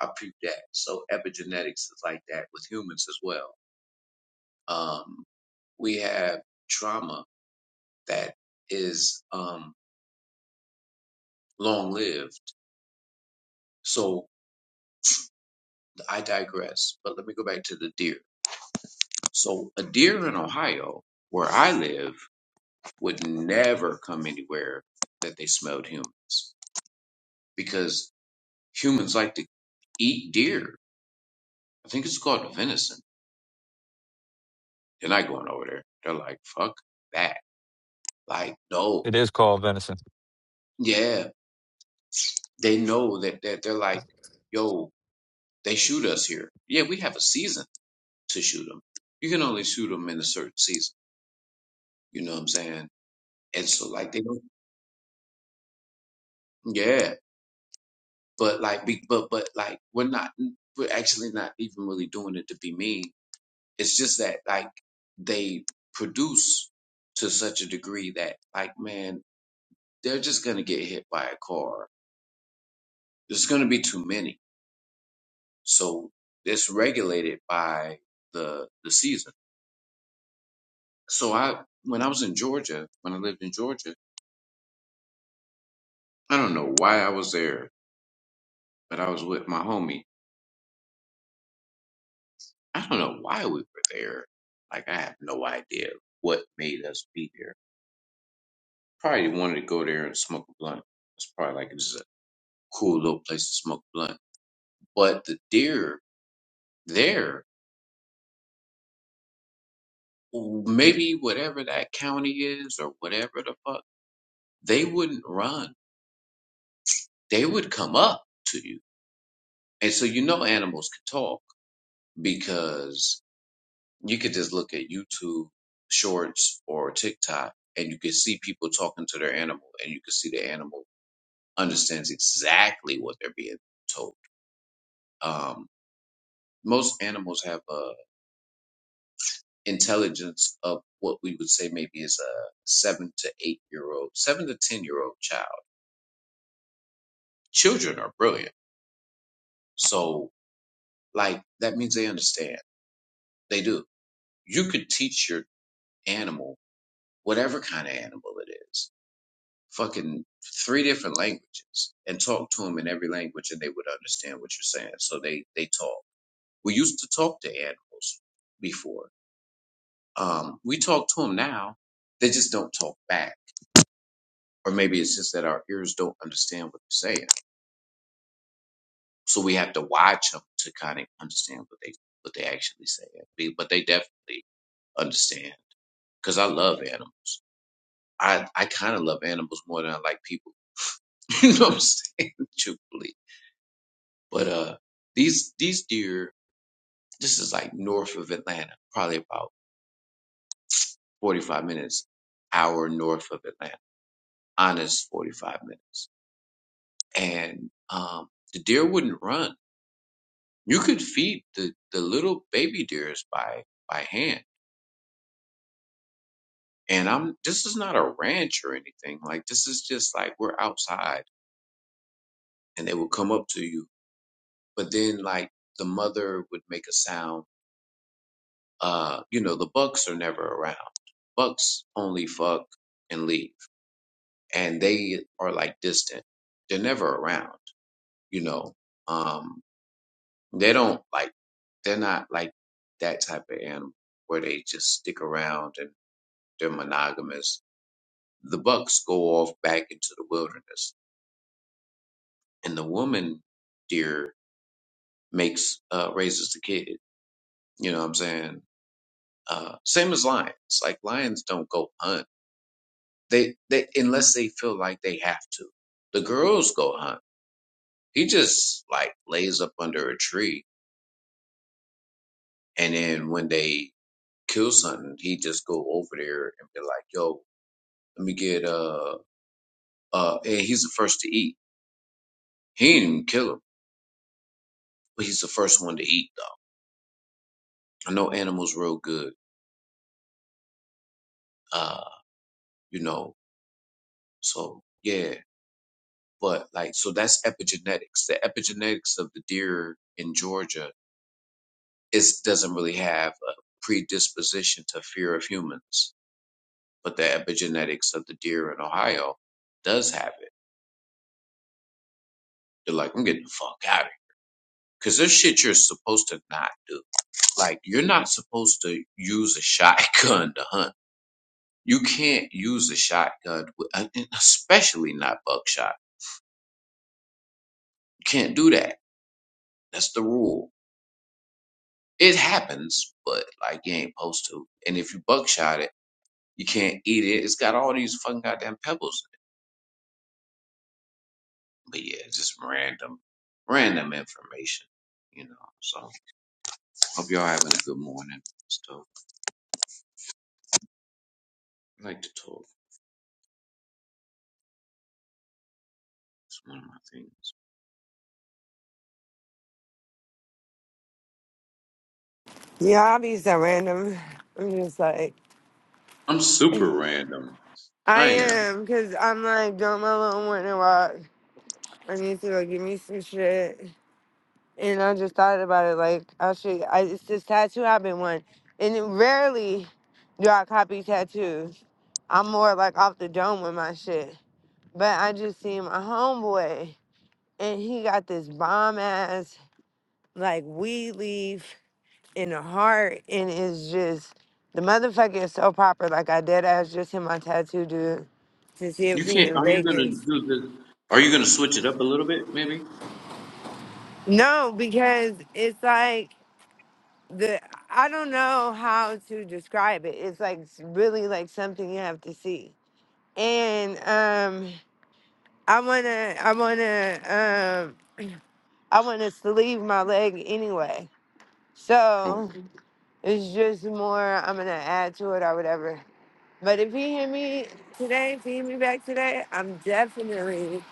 Speaker 9: I peeped that. So epigenetics is like that with humans as well. Um, we have trauma that is um, long lived. So I digress, but let me go back to the deer. So a deer in Ohio, where I live, would never come anywhere that they smelled humans because humans like to eat deer. I think it's called venison. They're not going over there. They're like, fuck that. Like, no.
Speaker 1: It is called venison.
Speaker 9: Yeah. They know that, that they're like, yo, they shoot us here. Yeah, we have a season to shoot them. You can only shoot them in a certain season. You know what I'm saying? And so like they don't, yeah, but like, be, but, but like we're not, we're actually not even really doing it to be mean. It's just that like they produce to such a degree that like, man, they're just going to get hit by a car. There's going to be too many. So it's regulated by the the season. So I, when I was in Georgia, when I lived in Georgia, I don't know why I was there, but I was with my homie. I don't know why we were there. Like I have no idea what made us be there. Probably wanted to go there and smoke a blunt. It's probably like this a cool little place to smoke a blunt. But the deer there, maybe whatever that county is or whatever the fuck, they wouldn't run. They would come up to you. And so you know animals can talk because You could just look at YouTube shorts or TikTok and you could see people talking to their animal and you could see the animal understands exactly what they're being told. Um, most animals have a intelligence of what we would say maybe is a seven to eight year old, seven to 10 year old child. Children are brilliant. So like that means they understand. They do. You could teach your animal, whatever kind of animal it is fucking three different languages and talk to them in every language and they would understand what you're saying. So they, they talk. We used to talk to animals before. Um, we talk to them now. They just don't talk back. Or maybe it's just that our ears don't understand what they're saying. So we have to watch them to kind of understand what they, what they actually say. Be- But they definitely understand because I love animals. I, I kind of love animals more than I like people. you know what I'm saying? Truthfully But uh, these these deer, this is like north of Atlanta, probably about 45 minutes, hour north of Atlanta, honest 45 minutes. And um, the deer wouldn't run. You could feed the the little baby deers by by hand. And I'm this is not a ranch or anything. Like this is just like we're outside, and they would come up to you. But then like the mother would make a sound Uh, you know, the Bucks are never around. Bucks only fuck and leave, and they are like distant. They're never around. You know, um, they don't like. They're not like that type of animal where they just stick around and they're monogamous. The Bucks go off back into the wilderness, and the woman deer makes uh, raises the kid. You know what I'm saying? Uh, same as lions. Like lions don't go hunt They they unless they feel like they have to. The girls go hunt. He just like lays up under a tree, and then when they kill something, he just go over there and be like, "Yo, let me get uh uh." And he's the first to eat. He didn't even kill him, but he's the first one to eat. Though. I know animals real good. Uh, you know. So yeah, but like so that's epigenetics. The epigenetics of the deer in Georgia it doesn't really have a predisposition to fear of humans, but the epigenetics of the deer in Ohio does have it. They're like, I'm getting the fuck out of here. Cause there's shit you're supposed to not do. Like, you're not supposed to use a shotgun to hunt. You can't use a shotgun, with- especially not buckshot. You can't do that. That's the rule. It happens, but like, you ain't supposed to. And if you buckshot it, you can't eat it. It's got all these fucking goddamn pebbles but yeah, it's just random, random information, you know. So hope y'all having a good morning. Still I like to talk. It's one of my things.
Speaker 2: Yeah, I be so random. I'm just like,
Speaker 9: I'm super random.
Speaker 2: I
Speaker 9: I am.
Speaker 2: am, because I'm like doing my little morning walk. I need to go get me some shit. And I just thought about it, like, I'll I, it's this tattoo I've been wanting. And it- rarely do I copy tattoos. I'm more like off the dome with my shit. But I just seen my homeboy, and he got this bomb ass like we leave in the heart and it's just the motherfucker is so proper. Like I did ask just him my tattoo dude to see if
Speaker 9: You
Speaker 2: he
Speaker 9: can't.
Speaker 2: in
Speaker 9: Are you gonna
Speaker 2: Vegas.
Speaker 9: do this? Are you gonna switch it up a little bit, maybe?
Speaker 2: No, because it's like the I don't know how to describe it. It's like s- really like something you have to see. And um I wanna I wanna um I want us to leave my leg anyway.
Speaker 9: Oh,
Speaker 2: So it's just more I'm gonna add to it or whatever. But if he hit me today, if he hit me back today, I'm definitely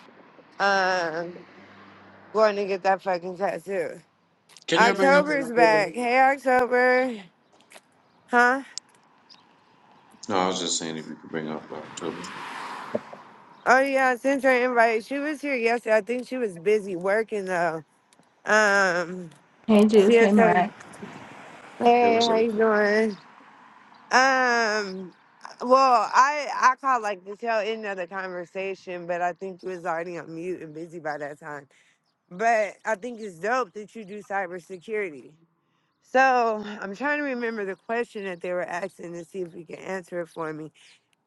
Speaker 2: um going to get that fucking tattoo.
Speaker 9: Can y'all bring up?
Speaker 2: October's back. Hey October. Huh?
Speaker 9: No, I was just saying if you could bring up October.
Speaker 2: Oh yeah, I sent her an invite. She was here yesterday. I think she was busy working though. Um
Speaker 10: Hey,
Speaker 2: she
Speaker 10: Juice. Hey,
Speaker 2: had told
Speaker 10: Max.
Speaker 9: Hey,
Speaker 2: Hey,
Speaker 9: what's
Speaker 2: how
Speaker 9: up?
Speaker 2: you doing? Um well, I I caught like the tail end of the conversation, but I think he was already on mute and busy by that time. but I think it's dope that you do cybersecurity. So I'm trying to remember the question that they were asking to see if you can answer it for me.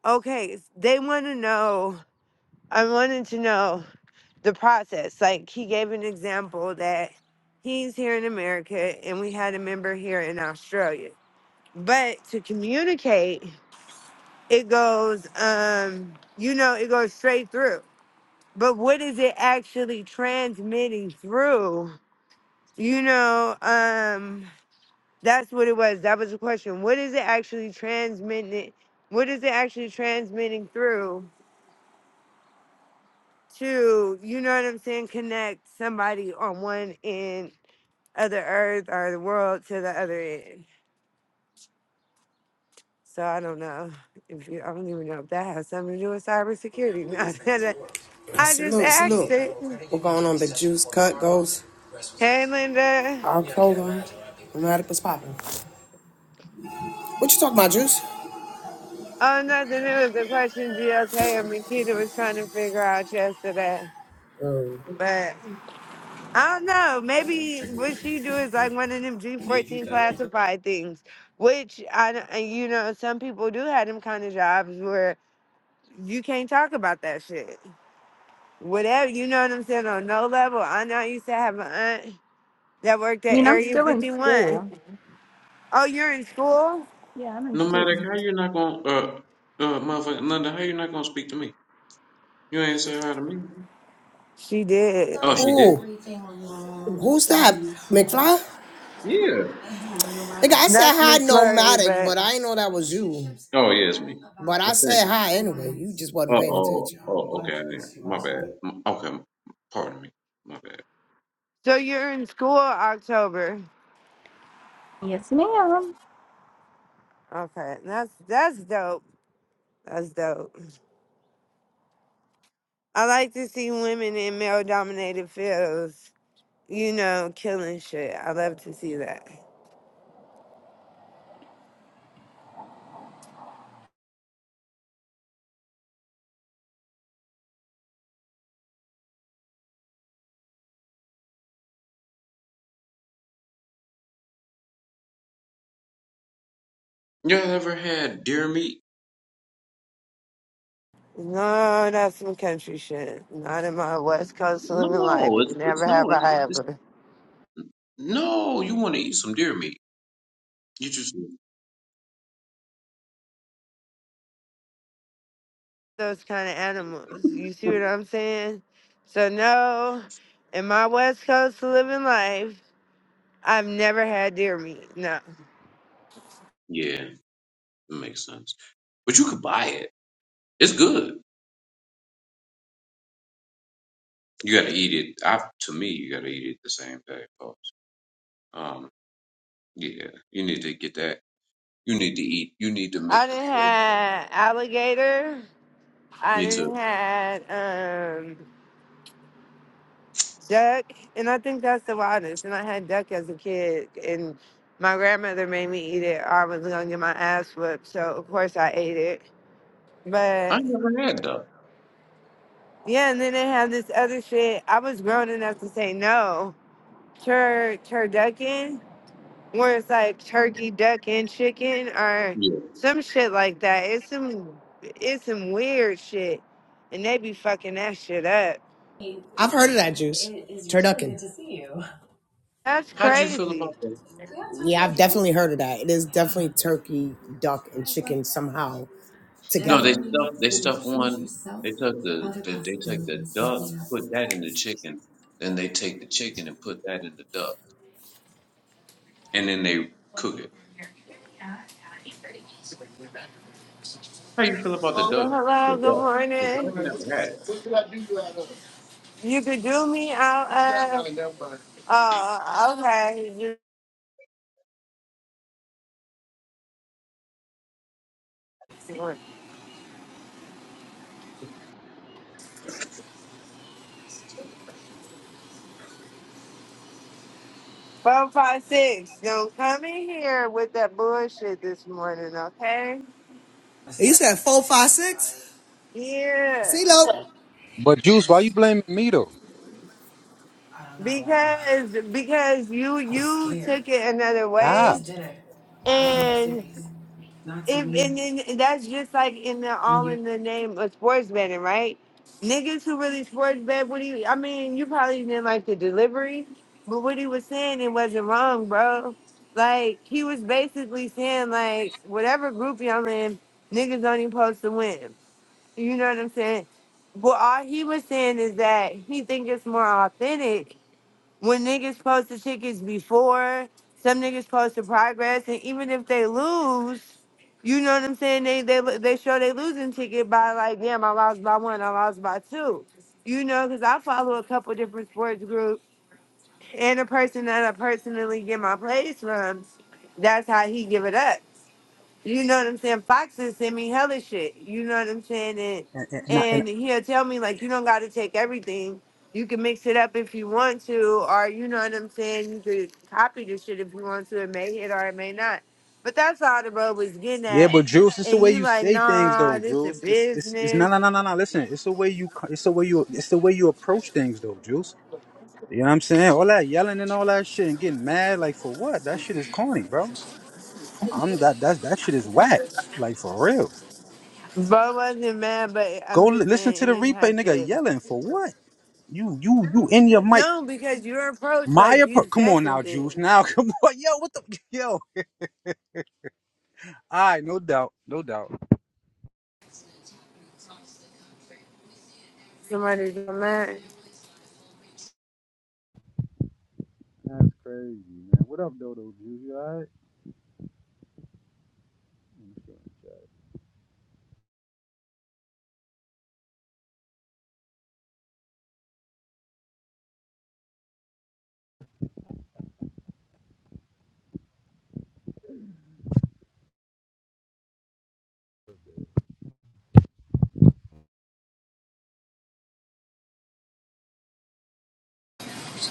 Speaker 2: Okay, s- they want to know. I wanted to know the process. Like he gave an example that he's here in America and we had a member here in Australia. But to communicate, it goes, um, you know, it goes straight through. But what is it actually transmitting through You know, um, that's what it was. That was the question. What is it actually transmitting? What is it actually transmitting through to, you know what I'm saying, connect somebody on one end of the earth or the world to the other end? So I don't know. If you, I don't even know if that has something to do with cybersecurity. No, that- I just
Speaker 11: Salute,
Speaker 2: asked
Speaker 11: salute.
Speaker 2: it.
Speaker 11: We're going on the juice cut goes
Speaker 2: Hey, Linda.
Speaker 11: our program. No matter what's popping. What you talking about, juice?
Speaker 2: Oh, nothing. It was a question GLK and Nikita was trying to figure out yesterday.
Speaker 11: Um,
Speaker 2: but. I don't know. Maybe what she do is like one of them G fourteen classified things, which I d- and, you know some people do have them kind of jobs where you can't talk about that shit. Whatever you know what I'm saying on no level. I know I used to have an aunt that worked
Speaker 10: I
Speaker 2: at
Speaker 10: mean, I'm
Speaker 2: Area
Speaker 10: still in
Speaker 2: Fifty One.
Speaker 10: school.
Speaker 2: Oh, you're in school?
Speaker 10: Yeah, I'm in
Speaker 9: No matter
Speaker 10: school.
Speaker 9: how you're not gonna, uh, uh, motherfucker, Linda, how you not gonna speak to me? You ain't say hi to me.
Speaker 2: She did.
Speaker 9: Oh, she did.
Speaker 11: Ooh. Who's that? McFly?
Speaker 9: Yeah.
Speaker 11: Nigga, I said
Speaker 2: That's
Speaker 11: hi
Speaker 2: McFlurry,
Speaker 11: nomadic,
Speaker 2: but
Speaker 11: but I ain't know that was you.
Speaker 9: Oh, yeah, it's me.
Speaker 11: But
Speaker 9: I
Speaker 11: I
Speaker 9: think.
Speaker 11: said hi anyway. You just wasn't
Speaker 9: Oh,
Speaker 11: paying
Speaker 9: oh,
Speaker 11: attention.
Speaker 9: oh, okay. I didn't- My bad. M- Okay, pardon me. My bad.
Speaker 2: so you're in school October.
Speaker 10: Yes, ma'am.
Speaker 2: Okay, that's that's dope. That's dope. I like to see women in male dominated fields, you know, killing shit. I love to see that.
Speaker 9: You ever had deer meat?
Speaker 2: No, that's some country shit. Not in my West Coast living life.
Speaker 9: No, it's
Speaker 2: Never
Speaker 9: it's
Speaker 2: have
Speaker 9: no, it's,
Speaker 2: I
Speaker 9: it's
Speaker 2: ever.
Speaker 9: no. You want to eat some deer meat? You just
Speaker 2: Those kind of animals. You see what I'm saying? So, no, in my West Coast living life, I've never had deer meat. No.
Speaker 9: yeah, that makes sense. But you could buy it. It's good. You got to eat it. I to me, you got to eat it the same day, folks. Um, yeah, you need to get that. You need to eat. You need to
Speaker 2: I
Speaker 9: make the
Speaker 2: didn't
Speaker 9: pork.
Speaker 2: have alligator. I
Speaker 9: Me too.
Speaker 2: didn't had um, Duck, and I think that's the wildest. And I had duck as a kid, and my grandmother made me eat it, or I was gonna get my ass whipped. So of course I ate it.
Speaker 9: I
Speaker 2: But
Speaker 9: never had though.
Speaker 2: yeah, and then they had this other shit. I was grown enough to say no, tur turducken, where it's like turkey, duck, and chicken, or
Speaker 9: Yeah.
Speaker 2: some shit like that. It's some, it's some weird shit, and they be fucking that shit up.
Speaker 11: I've heard of that juice. Turducken.
Speaker 2: That's
Speaker 9: How do you feel
Speaker 2: crazy.
Speaker 9: about that?
Speaker 11: Yeah, I've definitely heard of that. It is definitely turkey, duck, and chicken somehow.
Speaker 9: No,
Speaker 11: together.
Speaker 9: they stuff.
Speaker 11: learning
Speaker 9: they
Speaker 11: When you
Speaker 9: stuff
Speaker 11: choose
Speaker 9: one.
Speaker 11: yourself,
Speaker 9: They took the,
Speaker 11: other
Speaker 9: the they take the
Speaker 11: possibilities
Speaker 9: duck,
Speaker 11: open
Speaker 9: put
Speaker 11: up.
Speaker 9: that in the chicken, then they take the chicken and put that in the duck, and then they cook it. How you feel about the duck? The
Speaker 2: Hello, good
Speaker 9: duck? 'Cause I
Speaker 2: morning.
Speaker 9: ain't never had it.
Speaker 2: You could do me out of. Uh, okay. you- Four, five, six. Don't come in here with that bullshit this morning, okay?
Speaker 11: You said four, five, six.
Speaker 2: Yeah,
Speaker 12: But Juice, why you blaming me though?
Speaker 2: because because you you took it another
Speaker 12: How?
Speaker 2: way, and If and, then that's just like in the all in the name of sports betting, right? Niggas who really sports bet, what do you? I mean, you probably didn't like the delivery, but what he was saying, it wasn't wrong, bro. Like he was basically saying, like whatever group y'all in, niggas only supposed to win. You know what I'm saying? But all he was saying is that he think it's more authentic when niggas post the tickets before, some niggas post the progress, and even if they lose, you know what I'm saying? They they they show they losing ticket by like, damn, I lost by one, I lost by two. You know, because I follow a couple different sports groups and a person that I personally get my plays from. That's how he give it up. You know what I'm saying? Foxes send me hella shit. You know what I'm saying? And
Speaker 12: And, and, and, I, and
Speaker 2: and he'll tell me like you don't gotta take everything. You can mix it up if you want to, or you know what I'm saying, you could copy the shit if you want to. It may hit or it may not. But that's all the bro was getting
Speaker 12: yeah,
Speaker 2: at.
Speaker 12: but Juice, it's the
Speaker 2: And
Speaker 12: way
Speaker 2: you
Speaker 12: you
Speaker 2: like,
Speaker 12: say things,
Speaker 2: nah,
Speaker 12: though,
Speaker 2: this is
Speaker 12: Juice. It's it's it's no no
Speaker 2: business.
Speaker 12: no no no. Listen, it's the way you co- it's the way you it's the way you approach things, though, Juice. You know what I'm saying? All that yelling and all that shit and getting mad, like for what? That shit is corny, bro. I'm that that that shit is whack, like for real.
Speaker 2: Bro wasn't mad, but I'm
Speaker 12: Go li-
Speaker 2: just
Speaker 12: listen
Speaker 2: saying
Speaker 12: to
Speaker 2: it
Speaker 12: the
Speaker 2: didn't
Speaker 12: replay,
Speaker 2: have
Speaker 12: nigga.
Speaker 2: to
Speaker 12: Yelling for what? You you you in your mic?
Speaker 2: No, because your approach,
Speaker 12: My
Speaker 2: like you
Speaker 12: appro- come
Speaker 2: said
Speaker 12: on
Speaker 2: some
Speaker 12: now, Juice.
Speaker 2: things.
Speaker 12: Now come on, yo, what the yo? All right, no doubt, no doubt.
Speaker 2: Somebody's mad.
Speaker 12: That's crazy, man. What up, Dodo? You alright?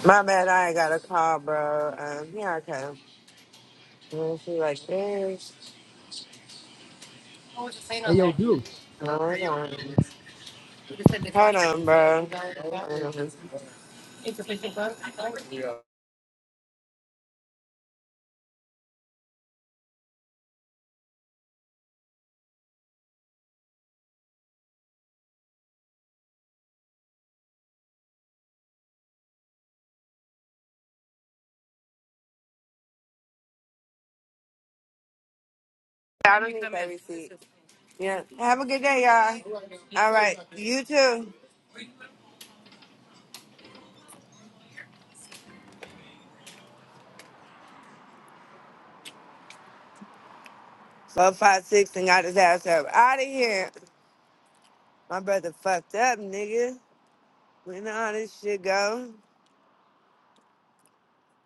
Speaker 2: My bad, I ain't got a call, bro. Um, here I come. And she like, this.
Speaker 12: Hey, yo, dude.
Speaker 2: Hold on. Hold on, bro. Hold on. I don't need that receipt. Yeah. Have a good day, y'all. All right. You too. Four, five, six, and got his ass up out of here. My brother fucked up, nigga. We know how this shit go.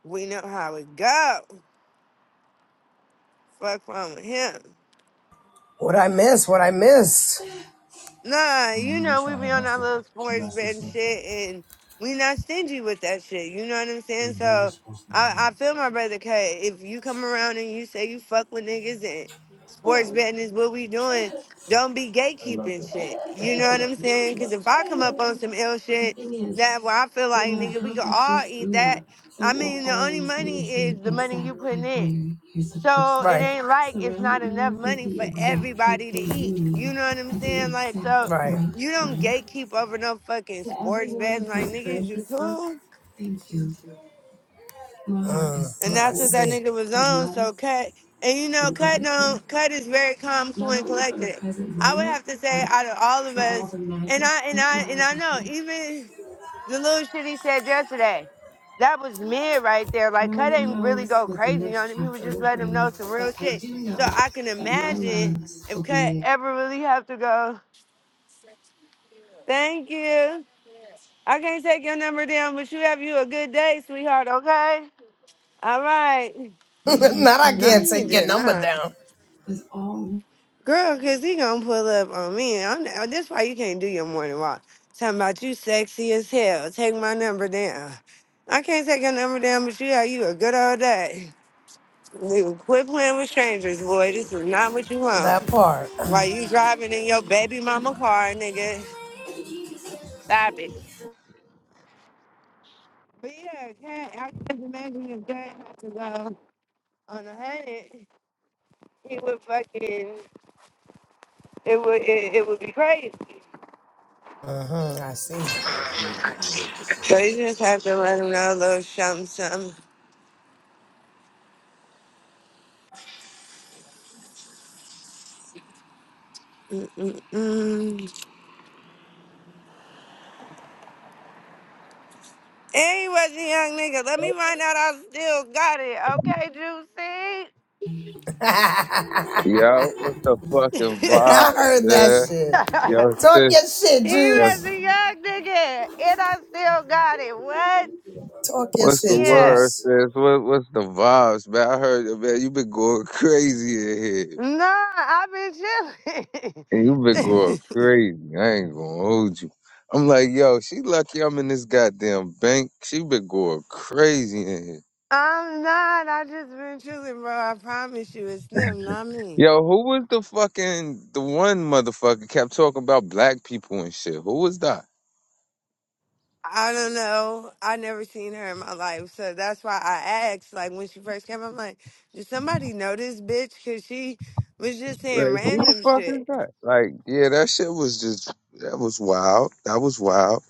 Speaker 2: We know how it go. Fuck wrong with him.
Speaker 11: What I miss? What I miss?
Speaker 2: Nah, you know, we be on our little sports bet and shit, and we not stingy with that shit. You know what I'm saying? So I, I feel my brother K. If you come around and you say you fuck with niggas and sports betting is what we doing, don't be gatekeeping shit. You know what I'm saying? Because if I come up on some ill
Speaker 11: But the
Speaker 2: shit,
Speaker 11: thing is,
Speaker 2: that where I feel
Speaker 11: no
Speaker 2: like,
Speaker 11: matter
Speaker 2: nigga,
Speaker 11: how
Speaker 2: we could
Speaker 11: much you
Speaker 2: all eat
Speaker 11: screw it
Speaker 2: that.
Speaker 11: up,
Speaker 2: I
Speaker 11: fate will
Speaker 2: mean, the only
Speaker 11: always
Speaker 2: money
Speaker 11: lead you
Speaker 2: is the money you
Speaker 11: exactly
Speaker 2: putting
Speaker 11: where
Speaker 2: in.
Speaker 11: you're supposed to
Speaker 2: So it
Speaker 11: Right. be.
Speaker 2: ain't like it's not
Speaker 11: Surrounding
Speaker 2: enough
Speaker 11: you with
Speaker 2: money
Speaker 11: the
Speaker 2: for
Speaker 11: exact
Speaker 2: everybody to
Speaker 11: people you
Speaker 2: eat.
Speaker 11: need
Speaker 2: You know what I'm
Speaker 11: at the
Speaker 2: saying? Like,
Speaker 11: exact
Speaker 2: so
Speaker 11: Right. right
Speaker 2: you don't
Speaker 11: time.
Speaker 2: gatekeep over no fucking
Speaker 11: To
Speaker 2: sports
Speaker 11: everyone
Speaker 2: bets. Like,
Speaker 11: who's
Speaker 2: niggas,
Speaker 11: read
Speaker 2: you
Speaker 11: this book,
Speaker 2: cool?
Speaker 11: thank you. Laura Mm, is so
Speaker 2: And
Speaker 11: I full I
Speaker 2: that's what that
Speaker 11: see.
Speaker 2: nigga was
Speaker 11: of
Speaker 2: on.
Speaker 11: love
Speaker 2: So cut. And you know,
Speaker 11: and
Speaker 2: cut
Speaker 11: gratitude,
Speaker 2: don't cut is very calm, cool,
Speaker 11: not
Speaker 2: and
Speaker 11: only for the
Speaker 2: collected.
Speaker 11: present
Speaker 2: I would
Speaker 11: moment,
Speaker 2: have to say
Speaker 11: but
Speaker 2: out of all of
Speaker 11: for all
Speaker 2: us,
Speaker 11: the
Speaker 2: and
Speaker 11: magic
Speaker 2: I and
Speaker 11: that
Speaker 2: I and
Speaker 11: lies
Speaker 2: I know
Speaker 11: ahead.
Speaker 2: even the little shit he said yesterday, that was mid right there. Like
Speaker 11: No
Speaker 2: cut
Speaker 11: one
Speaker 2: ain't really
Speaker 11: knows
Speaker 2: go
Speaker 11: what the
Speaker 2: crazy on
Speaker 11: next
Speaker 2: him. He was
Speaker 11: chapter
Speaker 2: just
Speaker 11: will
Speaker 2: letting him
Speaker 11: bring,
Speaker 2: know some real
Speaker 11: but I
Speaker 2: shit.
Speaker 11: do know
Speaker 2: So I can
Speaker 11: that my
Speaker 2: imagine
Speaker 11: loves will
Speaker 2: If Cut
Speaker 11: be
Speaker 2: ever really have to go, thank you. I can't take your number down, but you have you a good day, sweetheart, okay? All right.
Speaker 11: there. not I
Speaker 2: No,
Speaker 11: can't
Speaker 2: he
Speaker 11: take your
Speaker 2: did
Speaker 11: number
Speaker 2: not.
Speaker 11: down. With all
Speaker 2: Girl, cause he gonna pull up on me. I'm, uh, that's why you can't do your morning walk. Talking about you sexy as hell. Take my number down. I can't take your number down, but you have you a good old day. Dude, quit playing with strangers, boy. This is not what you want.
Speaker 11: that part.
Speaker 2: While you driving in your baby mama car, nigga. Stop it. But yeah, cat, I can't imagine if Cat had to go on a hundred, he would fucking it would it, it would be crazy.
Speaker 11: Uh huh. I see.
Speaker 2: So you just have to let him know a little something, something. Mm-mm-mm. And he was a young nigga. Let me find out I still got it.
Speaker 11: I
Speaker 13: Yo, what's the
Speaker 2: Okay, Juicy.
Speaker 13: fucking vibes,
Speaker 11: heard that
Speaker 13: man?
Speaker 11: shit.
Speaker 13: Yo,
Speaker 11: Talk
Speaker 13: sis,
Speaker 11: your shit,
Speaker 2: he
Speaker 13: yo,
Speaker 2: was
Speaker 11: Juice.
Speaker 2: a young nigga. And I still got it. What?
Speaker 11: Talk your
Speaker 13: what's the
Speaker 11: shit,
Speaker 2: Yeah.
Speaker 13: word,
Speaker 11: Juice.
Speaker 13: sis? What, what's the vibes, man? I heard, man, you been going crazy in here.
Speaker 2: Nah, I've been
Speaker 13: And you been going
Speaker 2: chilling.
Speaker 13: crazy. I ain't gonna hold you. I'm like, yo, she lucky I'm in this goddamn bank. She been going crazy in here.
Speaker 2: I'm not. I just been chilling, bro. I promise you, it's them, not me.
Speaker 13: Yo, who was the fucking, the one motherfucker kept talking about black people and shit? Who was that?
Speaker 2: I don't know. I never seen her in my life, so that's why I asked. Like when she first came, I'm like, did somebody know this bitch? Cause she was just saying
Speaker 13: Like, who the
Speaker 2: random
Speaker 13: fuck is
Speaker 2: shit.
Speaker 13: that? Like, yeah, that shit was just that was wild. That was wild.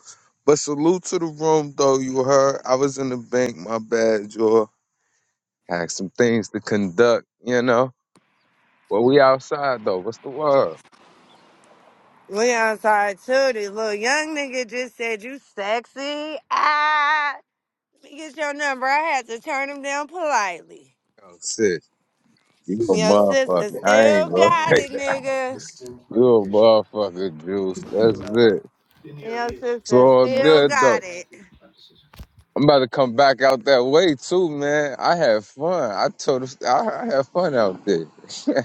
Speaker 13: But salute to the room though, you heard. I was in the bank, my bad, Joe. Had some things to conduct, you know. Well we outside though. What's the word?
Speaker 2: We outside too, this little young nigga just said you sexy. Ah, let me get your number. I had to turn him down politely.
Speaker 13: Oh shit. You a
Speaker 2: Your sister
Speaker 13: motherfucker. I
Speaker 2: still
Speaker 13: ain't gonna
Speaker 2: got
Speaker 13: take
Speaker 2: it,
Speaker 13: that.
Speaker 2: nigga.
Speaker 13: You a motherfucker, Juice. That's it.
Speaker 2: Your
Speaker 13: It's
Speaker 2: sister
Speaker 13: all
Speaker 2: still
Speaker 13: good though.
Speaker 2: got it.
Speaker 13: I'm about to come back out that way too, man. I had fun. I told us I, I had fun out there.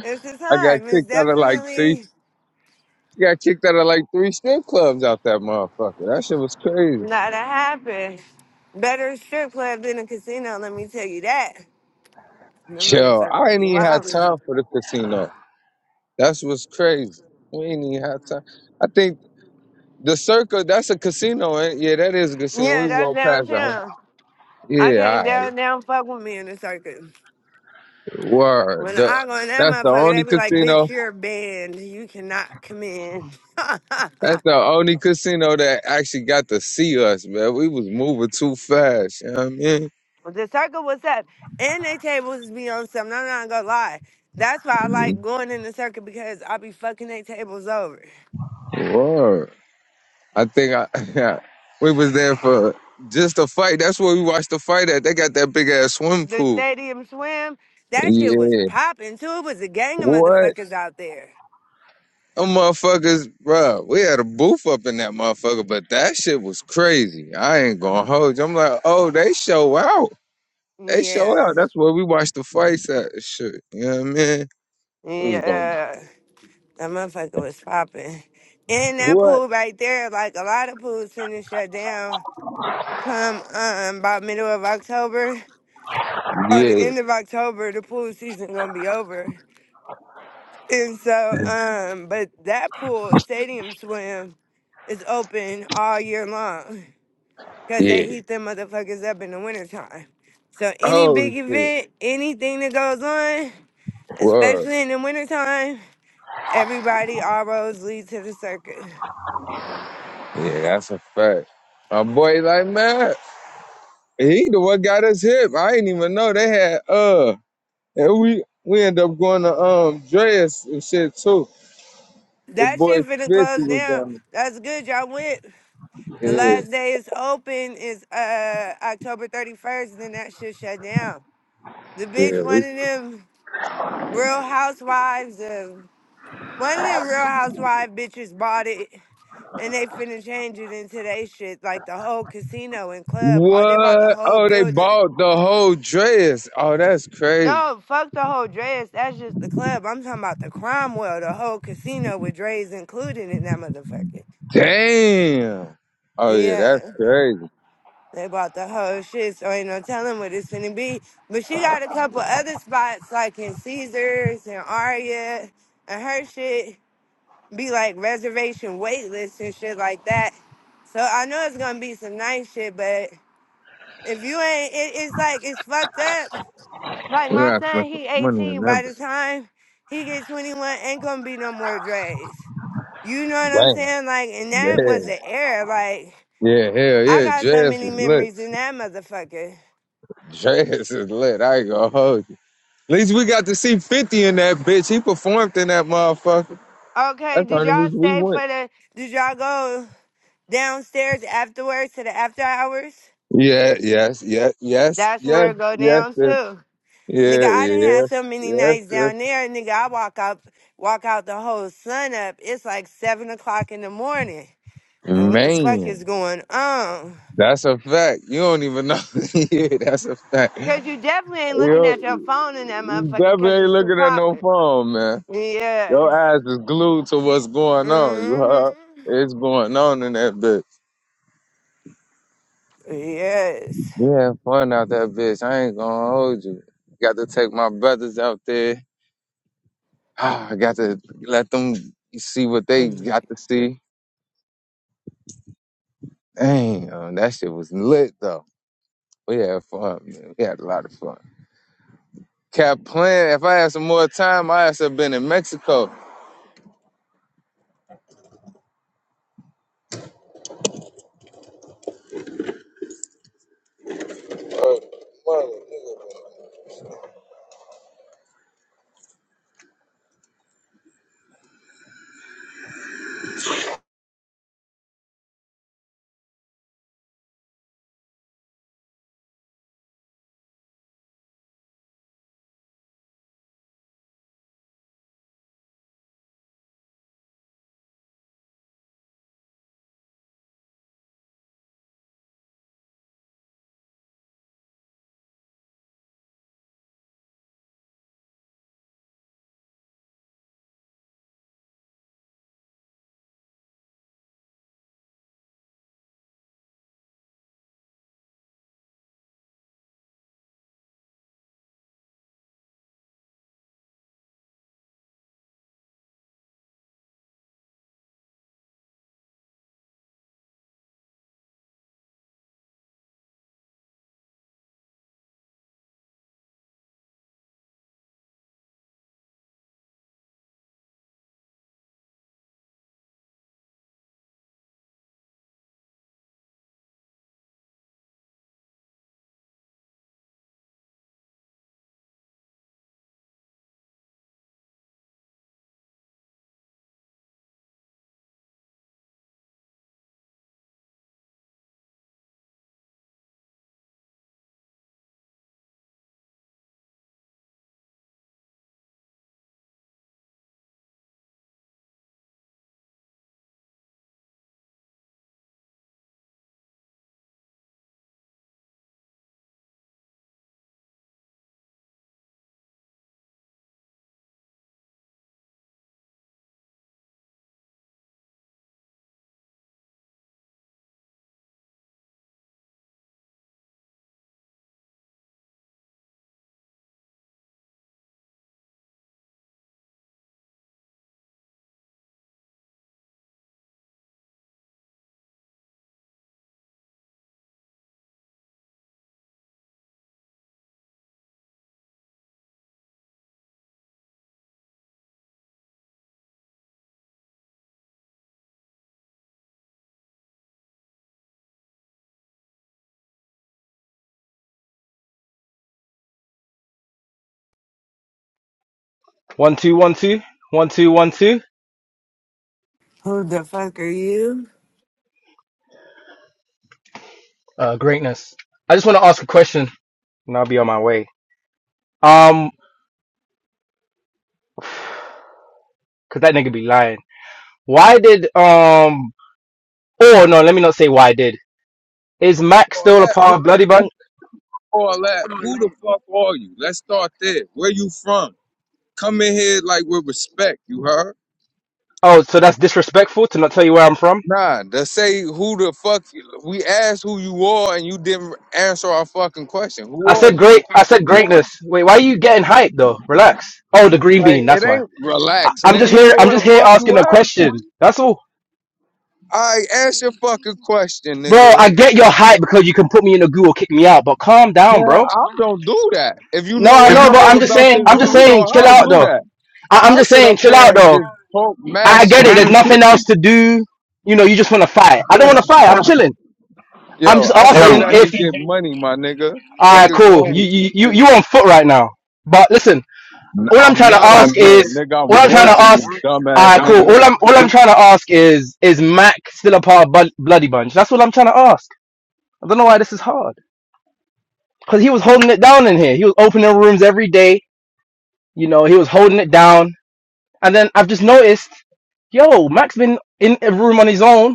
Speaker 2: It's the
Speaker 13: got
Speaker 2: time. It's
Speaker 13: kicked out of like three.
Speaker 2: definitely
Speaker 13: Got kicked out of like three strip clubs out that motherfucker. That shit was crazy.
Speaker 2: not a happen. Better strip club than a casino, let me tell you that. Them
Speaker 13: Yo, I
Speaker 2: motherfuckers
Speaker 13: ain't
Speaker 2: be
Speaker 13: even had
Speaker 2: wild.
Speaker 13: time for the casino. That's what's crazy. We ain't even had time. I think the circle. That's a casino. Ain't? Yeah, that is a casino.
Speaker 2: Yeah,
Speaker 13: We
Speaker 2: that's
Speaker 13: walked past that. huh?
Speaker 2: downtown. I
Speaker 13: Yeah,
Speaker 2: can't down down fuck with me in the circus.
Speaker 13: all right. word.
Speaker 2: When
Speaker 13: The,
Speaker 2: I go in that
Speaker 13: that's the
Speaker 2: motherfucker, they
Speaker 13: only
Speaker 2: be like, bitch,
Speaker 13: casino.
Speaker 2: you're banned. You cannot come in.
Speaker 13: That's the only casino that actually got to see us, man. We was moving too fast. You know what
Speaker 2: the circle was up. And they tables be on something. I'm not gonna lie. That's why
Speaker 13: I
Speaker 2: I
Speaker 13: mean?
Speaker 2: like going in the circle because I be fucking they tables over.
Speaker 13: Word. I think I we was there for just a fight. That's where we watched the fight at. They got that big ass swimming
Speaker 2: the
Speaker 13: pool.
Speaker 2: stadium swim, that shit
Speaker 13: Yeah.
Speaker 2: was popping too. It was a gang of
Speaker 13: What?
Speaker 2: motherfuckers out there.
Speaker 13: Them motherfuckers, bruh, we had a booth up in that motherfucker, but that shit was crazy. I ain't gonna hold you. I'm like, oh, they show out. They show out.
Speaker 2: Yeah.
Speaker 13: That's where we watched the fights at. and Shit. You know what I mean? It was going,
Speaker 2: Yeah. That motherfucker was popping. And that
Speaker 13: what?
Speaker 2: pool right there, like a lot of pools finna shut down come um about middle of October or the
Speaker 13: Yeah.
Speaker 2: end of October, the pool season gonna be over. And so, um, but that pool, Stadium Swim, is open all year long. because they
Speaker 13: Yeah.
Speaker 2: heat them motherfuckers up in the wintertime. So any
Speaker 13: Holy
Speaker 2: big
Speaker 13: shit.
Speaker 2: event, anything that goes on,
Speaker 13: Word.
Speaker 2: especially in the wintertime, everybody, all roads lead to the circus.
Speaker 13: Yeah, that's a fact. My boy like man, he the one got us hip. I didn't even know they had uh and we we end up going to um Dreas and shit too. The
Speaker 2: That
Speaker 13: boy
Speaker 2: shit finna
Speaker 13: Fifty
Speaker 2: close
Speaker 13: was
Speaker 2: down.
Speaker 13: down
Speaker 2: That's good, y'all went. The
Speaker 13: there. Yeah,
Speaker 2: last day it's open is uh October 31st, then that shit shut down. The bitch,
Speaker 13: yeah.
Speaker 2: one
Speaker 13: We,
Speaker 2: of them real housewives of one of them real housewife bitches bought it And they finna change it into they shit, like the whole casino and club. Oh, they bought the
Speaker 13: what?
Speaker 2: whole
Speaker 13: Oh, they
Speaker 2: building.
Speaker 13: bought the whole Dreas. Oh, that's crazy.
Speaker 2: No, fuck the whole Dre's. That's just the club. I'm talking about the Cromwell, the whole casino with Dre's included in that motherfucker.
Speaker 13: Damn. Oh yeah,
Speaker 2: Yeah,
Speaker 13: that's crazy.
Speaker 2: they bought the whole shit, so ain't no telling what it's finna be. But she got a couple other spots, like in Caesars and Aria, and her shit be like reservation waitlist and shit like that. So I know it's gonna be some nice shit, but If you ain't, it, it's like it's fucked up. Like
Speaker 13: We
Speaker 2: my
Speaker 13: got to
Speaker 2: son,
Speaker 13: put some
Speaker 2: he
Speaker 13: money in
Speaker 2: 18.
Speaker 13: that.
Speaker 2: By the time he get 21, ain't gonna be no more dreads. You know what I'm
Speaker 13: Damn.
Speaker 2: saying? Like, and that
Speaker 13: Yeah.
Speaker 2: was the era. Like,
Speaker 13: Yeah, hell
Speaker 2: I
Speaker 13: yeah.
Speaker 2: got so
Speaker 13: Dreas
Speaker 2: many
Speaker 13: was lit.
Speaker 2: memories in that motherfucker.
Speaker 13: Dress is lit. I ain't gonna hold you. At least we got to see 50 in that bitch. He performed in that motherfucker.
Speaker 2: Okay,
Speaker 13: That's the
Speaker 2: did
Speaker 13: only
Speaker 2: y'all
Speaker 13: reason we
Speaker 2: stay
Speaker 13: went.
Speaker 2: for the? Did y'all go downstairs afterwards to the after hours?
Speaker 13: Yeah, yes, yes, yes,
Speaker 2: That's
Speaker 13: yes,
Speaker 2: where it go
Speaker 13: yes,
Speaker 2: down
Speaker 13: sis.
Speaker 2: too. Nigga,
Speaker 13: yeah,
Speaker 2: I done
Speaker 13: yeah,
Speaker 2: had so many
Speaker 13: yes,
Speaker 2: nights
Speaker 13: sis.
Speaker 2: down there, nigga, I walk out walk out the whole sun up. It's like seven o'clock in the morning. Like what the fuck is
Speaker 13: Man,
Speaker 2: going on?
Speaker 13: that's a fact. You don't even know. yeah, that's a fact.
Speaker 2: Cause
Speaker 13: You,
Speaker 2: you definitely ain't looking at
Speaker 13: don't-
Speaker 2: your phone in that
Speaker 13: you
Speaker 2: motherfucker
Speaker 13: definitely
Speaker 2: cause
Speaker 13: ain't
Speaker 2: it's too
Speaker 13: looking at no
Speaker 2: popping.
Speaker 13: phone, man.
Speaker 2: Yeah.
Speaker 13: Your eyes is glued to what's going on. You heard?
Speaker 2: Mm-hmm.
Speaker 13: It's going on in that bitch.
Speaker 2: Yes.
Speaker 13: We had fun out that bitch. I ain't gonna hold you. Got to take my brothers out there. I got to let them see what they got to
Speaker 2: Mm-hmm.
Speaker 13: see. Damn, that shit was lit though. We had fun, man. We had a lot of fun. Kept playing. If I had some more time, I would have been in Mexico.
Speaker 14: One two one two one two one two.
Speaker 2: Who the fuck are you?
Speaker 14: Uh, greatness. I just want to ask a question. And I'll be on my way. Um, cause that nigga be lying. Why did um? Oh no, let me not say why did. Is Mac
Speaker 13: All
Speaker 14: still a
Speaker 13: that, who,
Speaker 14: part of Bloody Bank?
Speaker 13: all that. Who the fuck are you? Let's start there. Where you from? Come in here like with respect. You heard?
Speaker 14: Oh, so that's disrespectful to not tell you where I'm from.
Speaker 13: Nah, to say who the fuck you- we asked who you are and you didn't answer our fucking question. Who
Speaker 14: I
Speaker 13: are
Speaker 14: said
Speaker 13: you?
Speaker 14: great. I said greatness. Wait, why are you getting hyped though? Relax. Oh, the green
Speaker 13: Like
Speaker 14: bean. That's
Speaker 13: it
Speaker 14: why. I-
Speaker 13: ain't relax,
Speaker 14: I'm
Speaker 13: nigga.
Speaker 14: just
Speaker 13: You
Speaker 14: here.
Speaker 13: know
Speaker 14: I'm
Speaker 13: where the
Speaker 14: just here
Speaker 13: fuck
Speaker 14: asking
Speaker 13: you
Speaker 14: a
Speaker 13: at?
Speaker 14: question. That's all,
Speaker 13: I ask your fucking question,
Speaker 14: bro.
Speaker 13: nigga.
Speaker 14: I get your hype because you can put me in a goo or kick me out, but calm down,
Speaker 13: Man,
Speaker 14: bro.
Speaker 13: I don't do that. If you
Speaker 14: No,
Speaker 13: know
Speaker 14: I know, but
Speaker 13: anything
Speaker 14: I'm just
Speaker 13: about
Speaker 14: saying,
Speaker 13: this
Speaker 14: I'm
Speaker 13: room,
Speaker 14: just
Speaker 13: you know I
Speaker 14: saying, chill
Speaker 13: don't
Speaker 14: out
Speaker 13: do
Speaker 14: though.
Speaker 13: that.
Speaker 14: I, I'm
Speaker 13: I
Speaker 14: just
Speaker 13: sit
Speaker 14: saying,
Speaker 13: up
Speaker 14: chill out
Speaker 13: here and
Speaker 14: though.
Speaker 13: just talk mad
Speaker 14: I get
Speaker 13: shit
Speaker 14: it.
Speaker 13: to
Speaker 14: There's nothing else to do. You know, you just want to fight. I don't
Speaker 13: you.
Speaker 14: want to fight. I'm chilling. I'm
Speaker 13: Yo,
Speaker 14: just
Speaker 13: I sit
Speaker 14: asking
Speaker 13: back
Speaker 14: if,
Speaker 13: and get money, my nigga.
Speaker 14: all
Speaker 13: Fuck
Speaker 14: right,
Speaker 13: is
Speaker 14: cool.
Speaker 13: wrong
Speaker 14: You,
Speaker 13: with
Speaker 14: you,
Speaker 13: you?
Speaker 14: you, you on foot right now. But listen,
Speaker 13: N-
Speaker 14: all I'm
Speaker 13: I'm
Speaker 14: trying to
Speaker 13: not
Speaker 14: ask
Speaker 13: on
Speaker 14: is,
Speaker 13: foot, nigga.
Speaker 14: all
Speaker 13: I'm
Speaker 14: I'm trying to
Speaker 13: working,
Speaker 14: ask,
Speaker 13: you
Speaker 14: work. all
Speaker 13: dumbass
Speaker 14: right, cool.
Speaker 13: nigga.
Speaker 14: All I'm, all I'm trying to ask is, is Mac still a part of Bud- Bloody Bunch? That's all I'm trying to ask. I don't know why this is hard. Cause he was holding it down in here. He was opening rooms every day. You know, he was holding it down. And then I've just noticed. Yo, Max been in a room on his own.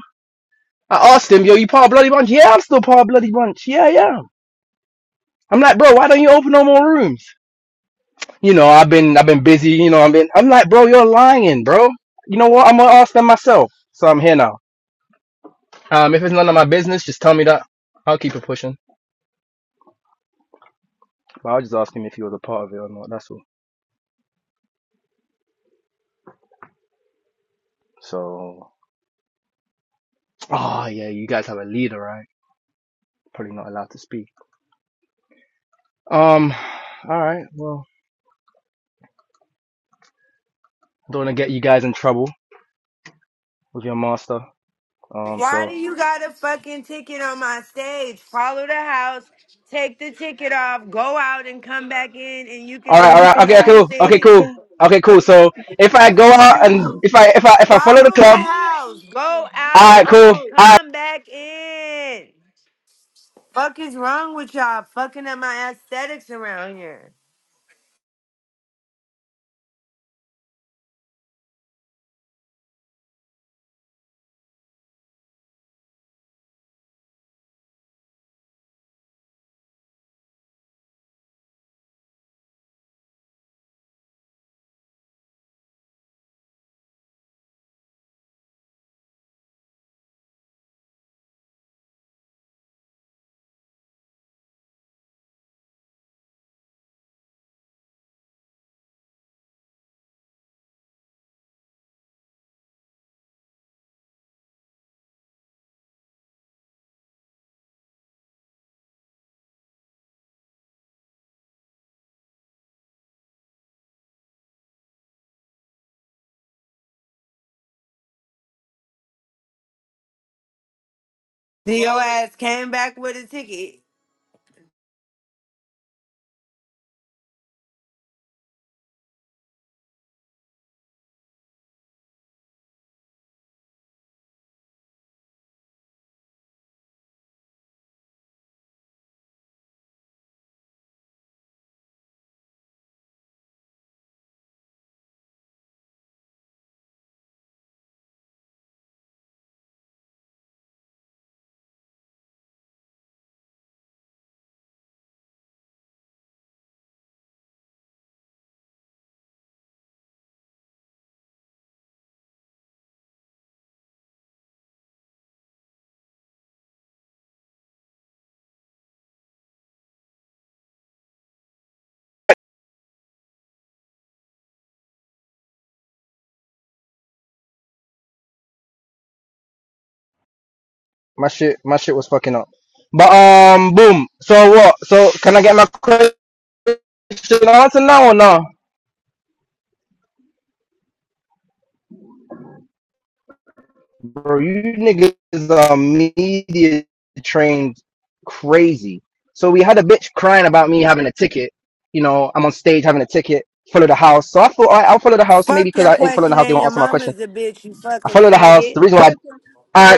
Speaker 14: I asked him, yo, you part of Bloody Bunch? Yeah, I'm still part of Bloody Bunch. Yeah, yeah. I'm like, bro, why don't you open no more rooms? You know, I've been, I've been busy. You know, I've been. I'm like, bro, you're lying, bro. You know what? I'm gonna ask them myself. So I'm here now. Um, if it's none of my business, just tell me that. I'll keep it pushing. But i was just asking if he was a part of it or not. That's all. So, oh yeah, you guys have a leader, right? Probably not allowed to speak. Um, all right. Well, don't wanna get you guys in trouble with your master. Um,
Speaker 2: Why
Speaker 14: so.
Speaker 2: do you got a fucking ticket on my stage? Follow the house, take the ticket off, go out and come back in, and you
Speaker 14: All
Speaker 2: can
Speaker 14: right, all
Speaker 2: ask
Speaker 14: right, okay, okay, cool, okay,
Speaker 2: anything.
Speaker 14: cool, okay, cool. So if I go out and if I if I if I follow the
Speaker 2: Follow the
Speaker 14: club,
Speaker 2: house, go
Speaker 14: all right,
Speaker 2: out,
Speaker 14: cool, all right.
Speaker 2: come back in. Fuck is wrong with y'all fucking up my aesthetics around here? Then your ass came back with a ticket.
Speaker 14: My shit, my shit was fucking up. But um, boom. So what? So can I get my question answered now or no? Bro, you niggas are media trained crazy. So we had a bitch crying about me having a ticket. You know, I'm on stage having a ticket. Follow the house. So I thought all right, I'll follow the house maybe
Speaker 2: Fuck
Speaker 14: because
Speaker 2: your
Speaker 14: I ain't following the
Speaker 2: question
Speaker 14: house. They
Speaker 2: and
Speaker 14: won't
Speaker 2: your
Speaker 14: answer my question.
Speaker 2: mama's a bitch, you
Speaker 14: I
Speaker 2: fucking
Speaker 14: follow the house.
Speaker 2: faggot.
Speaker 14: The reason why. I,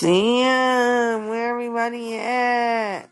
Speaker 2: Damn, where everybody at?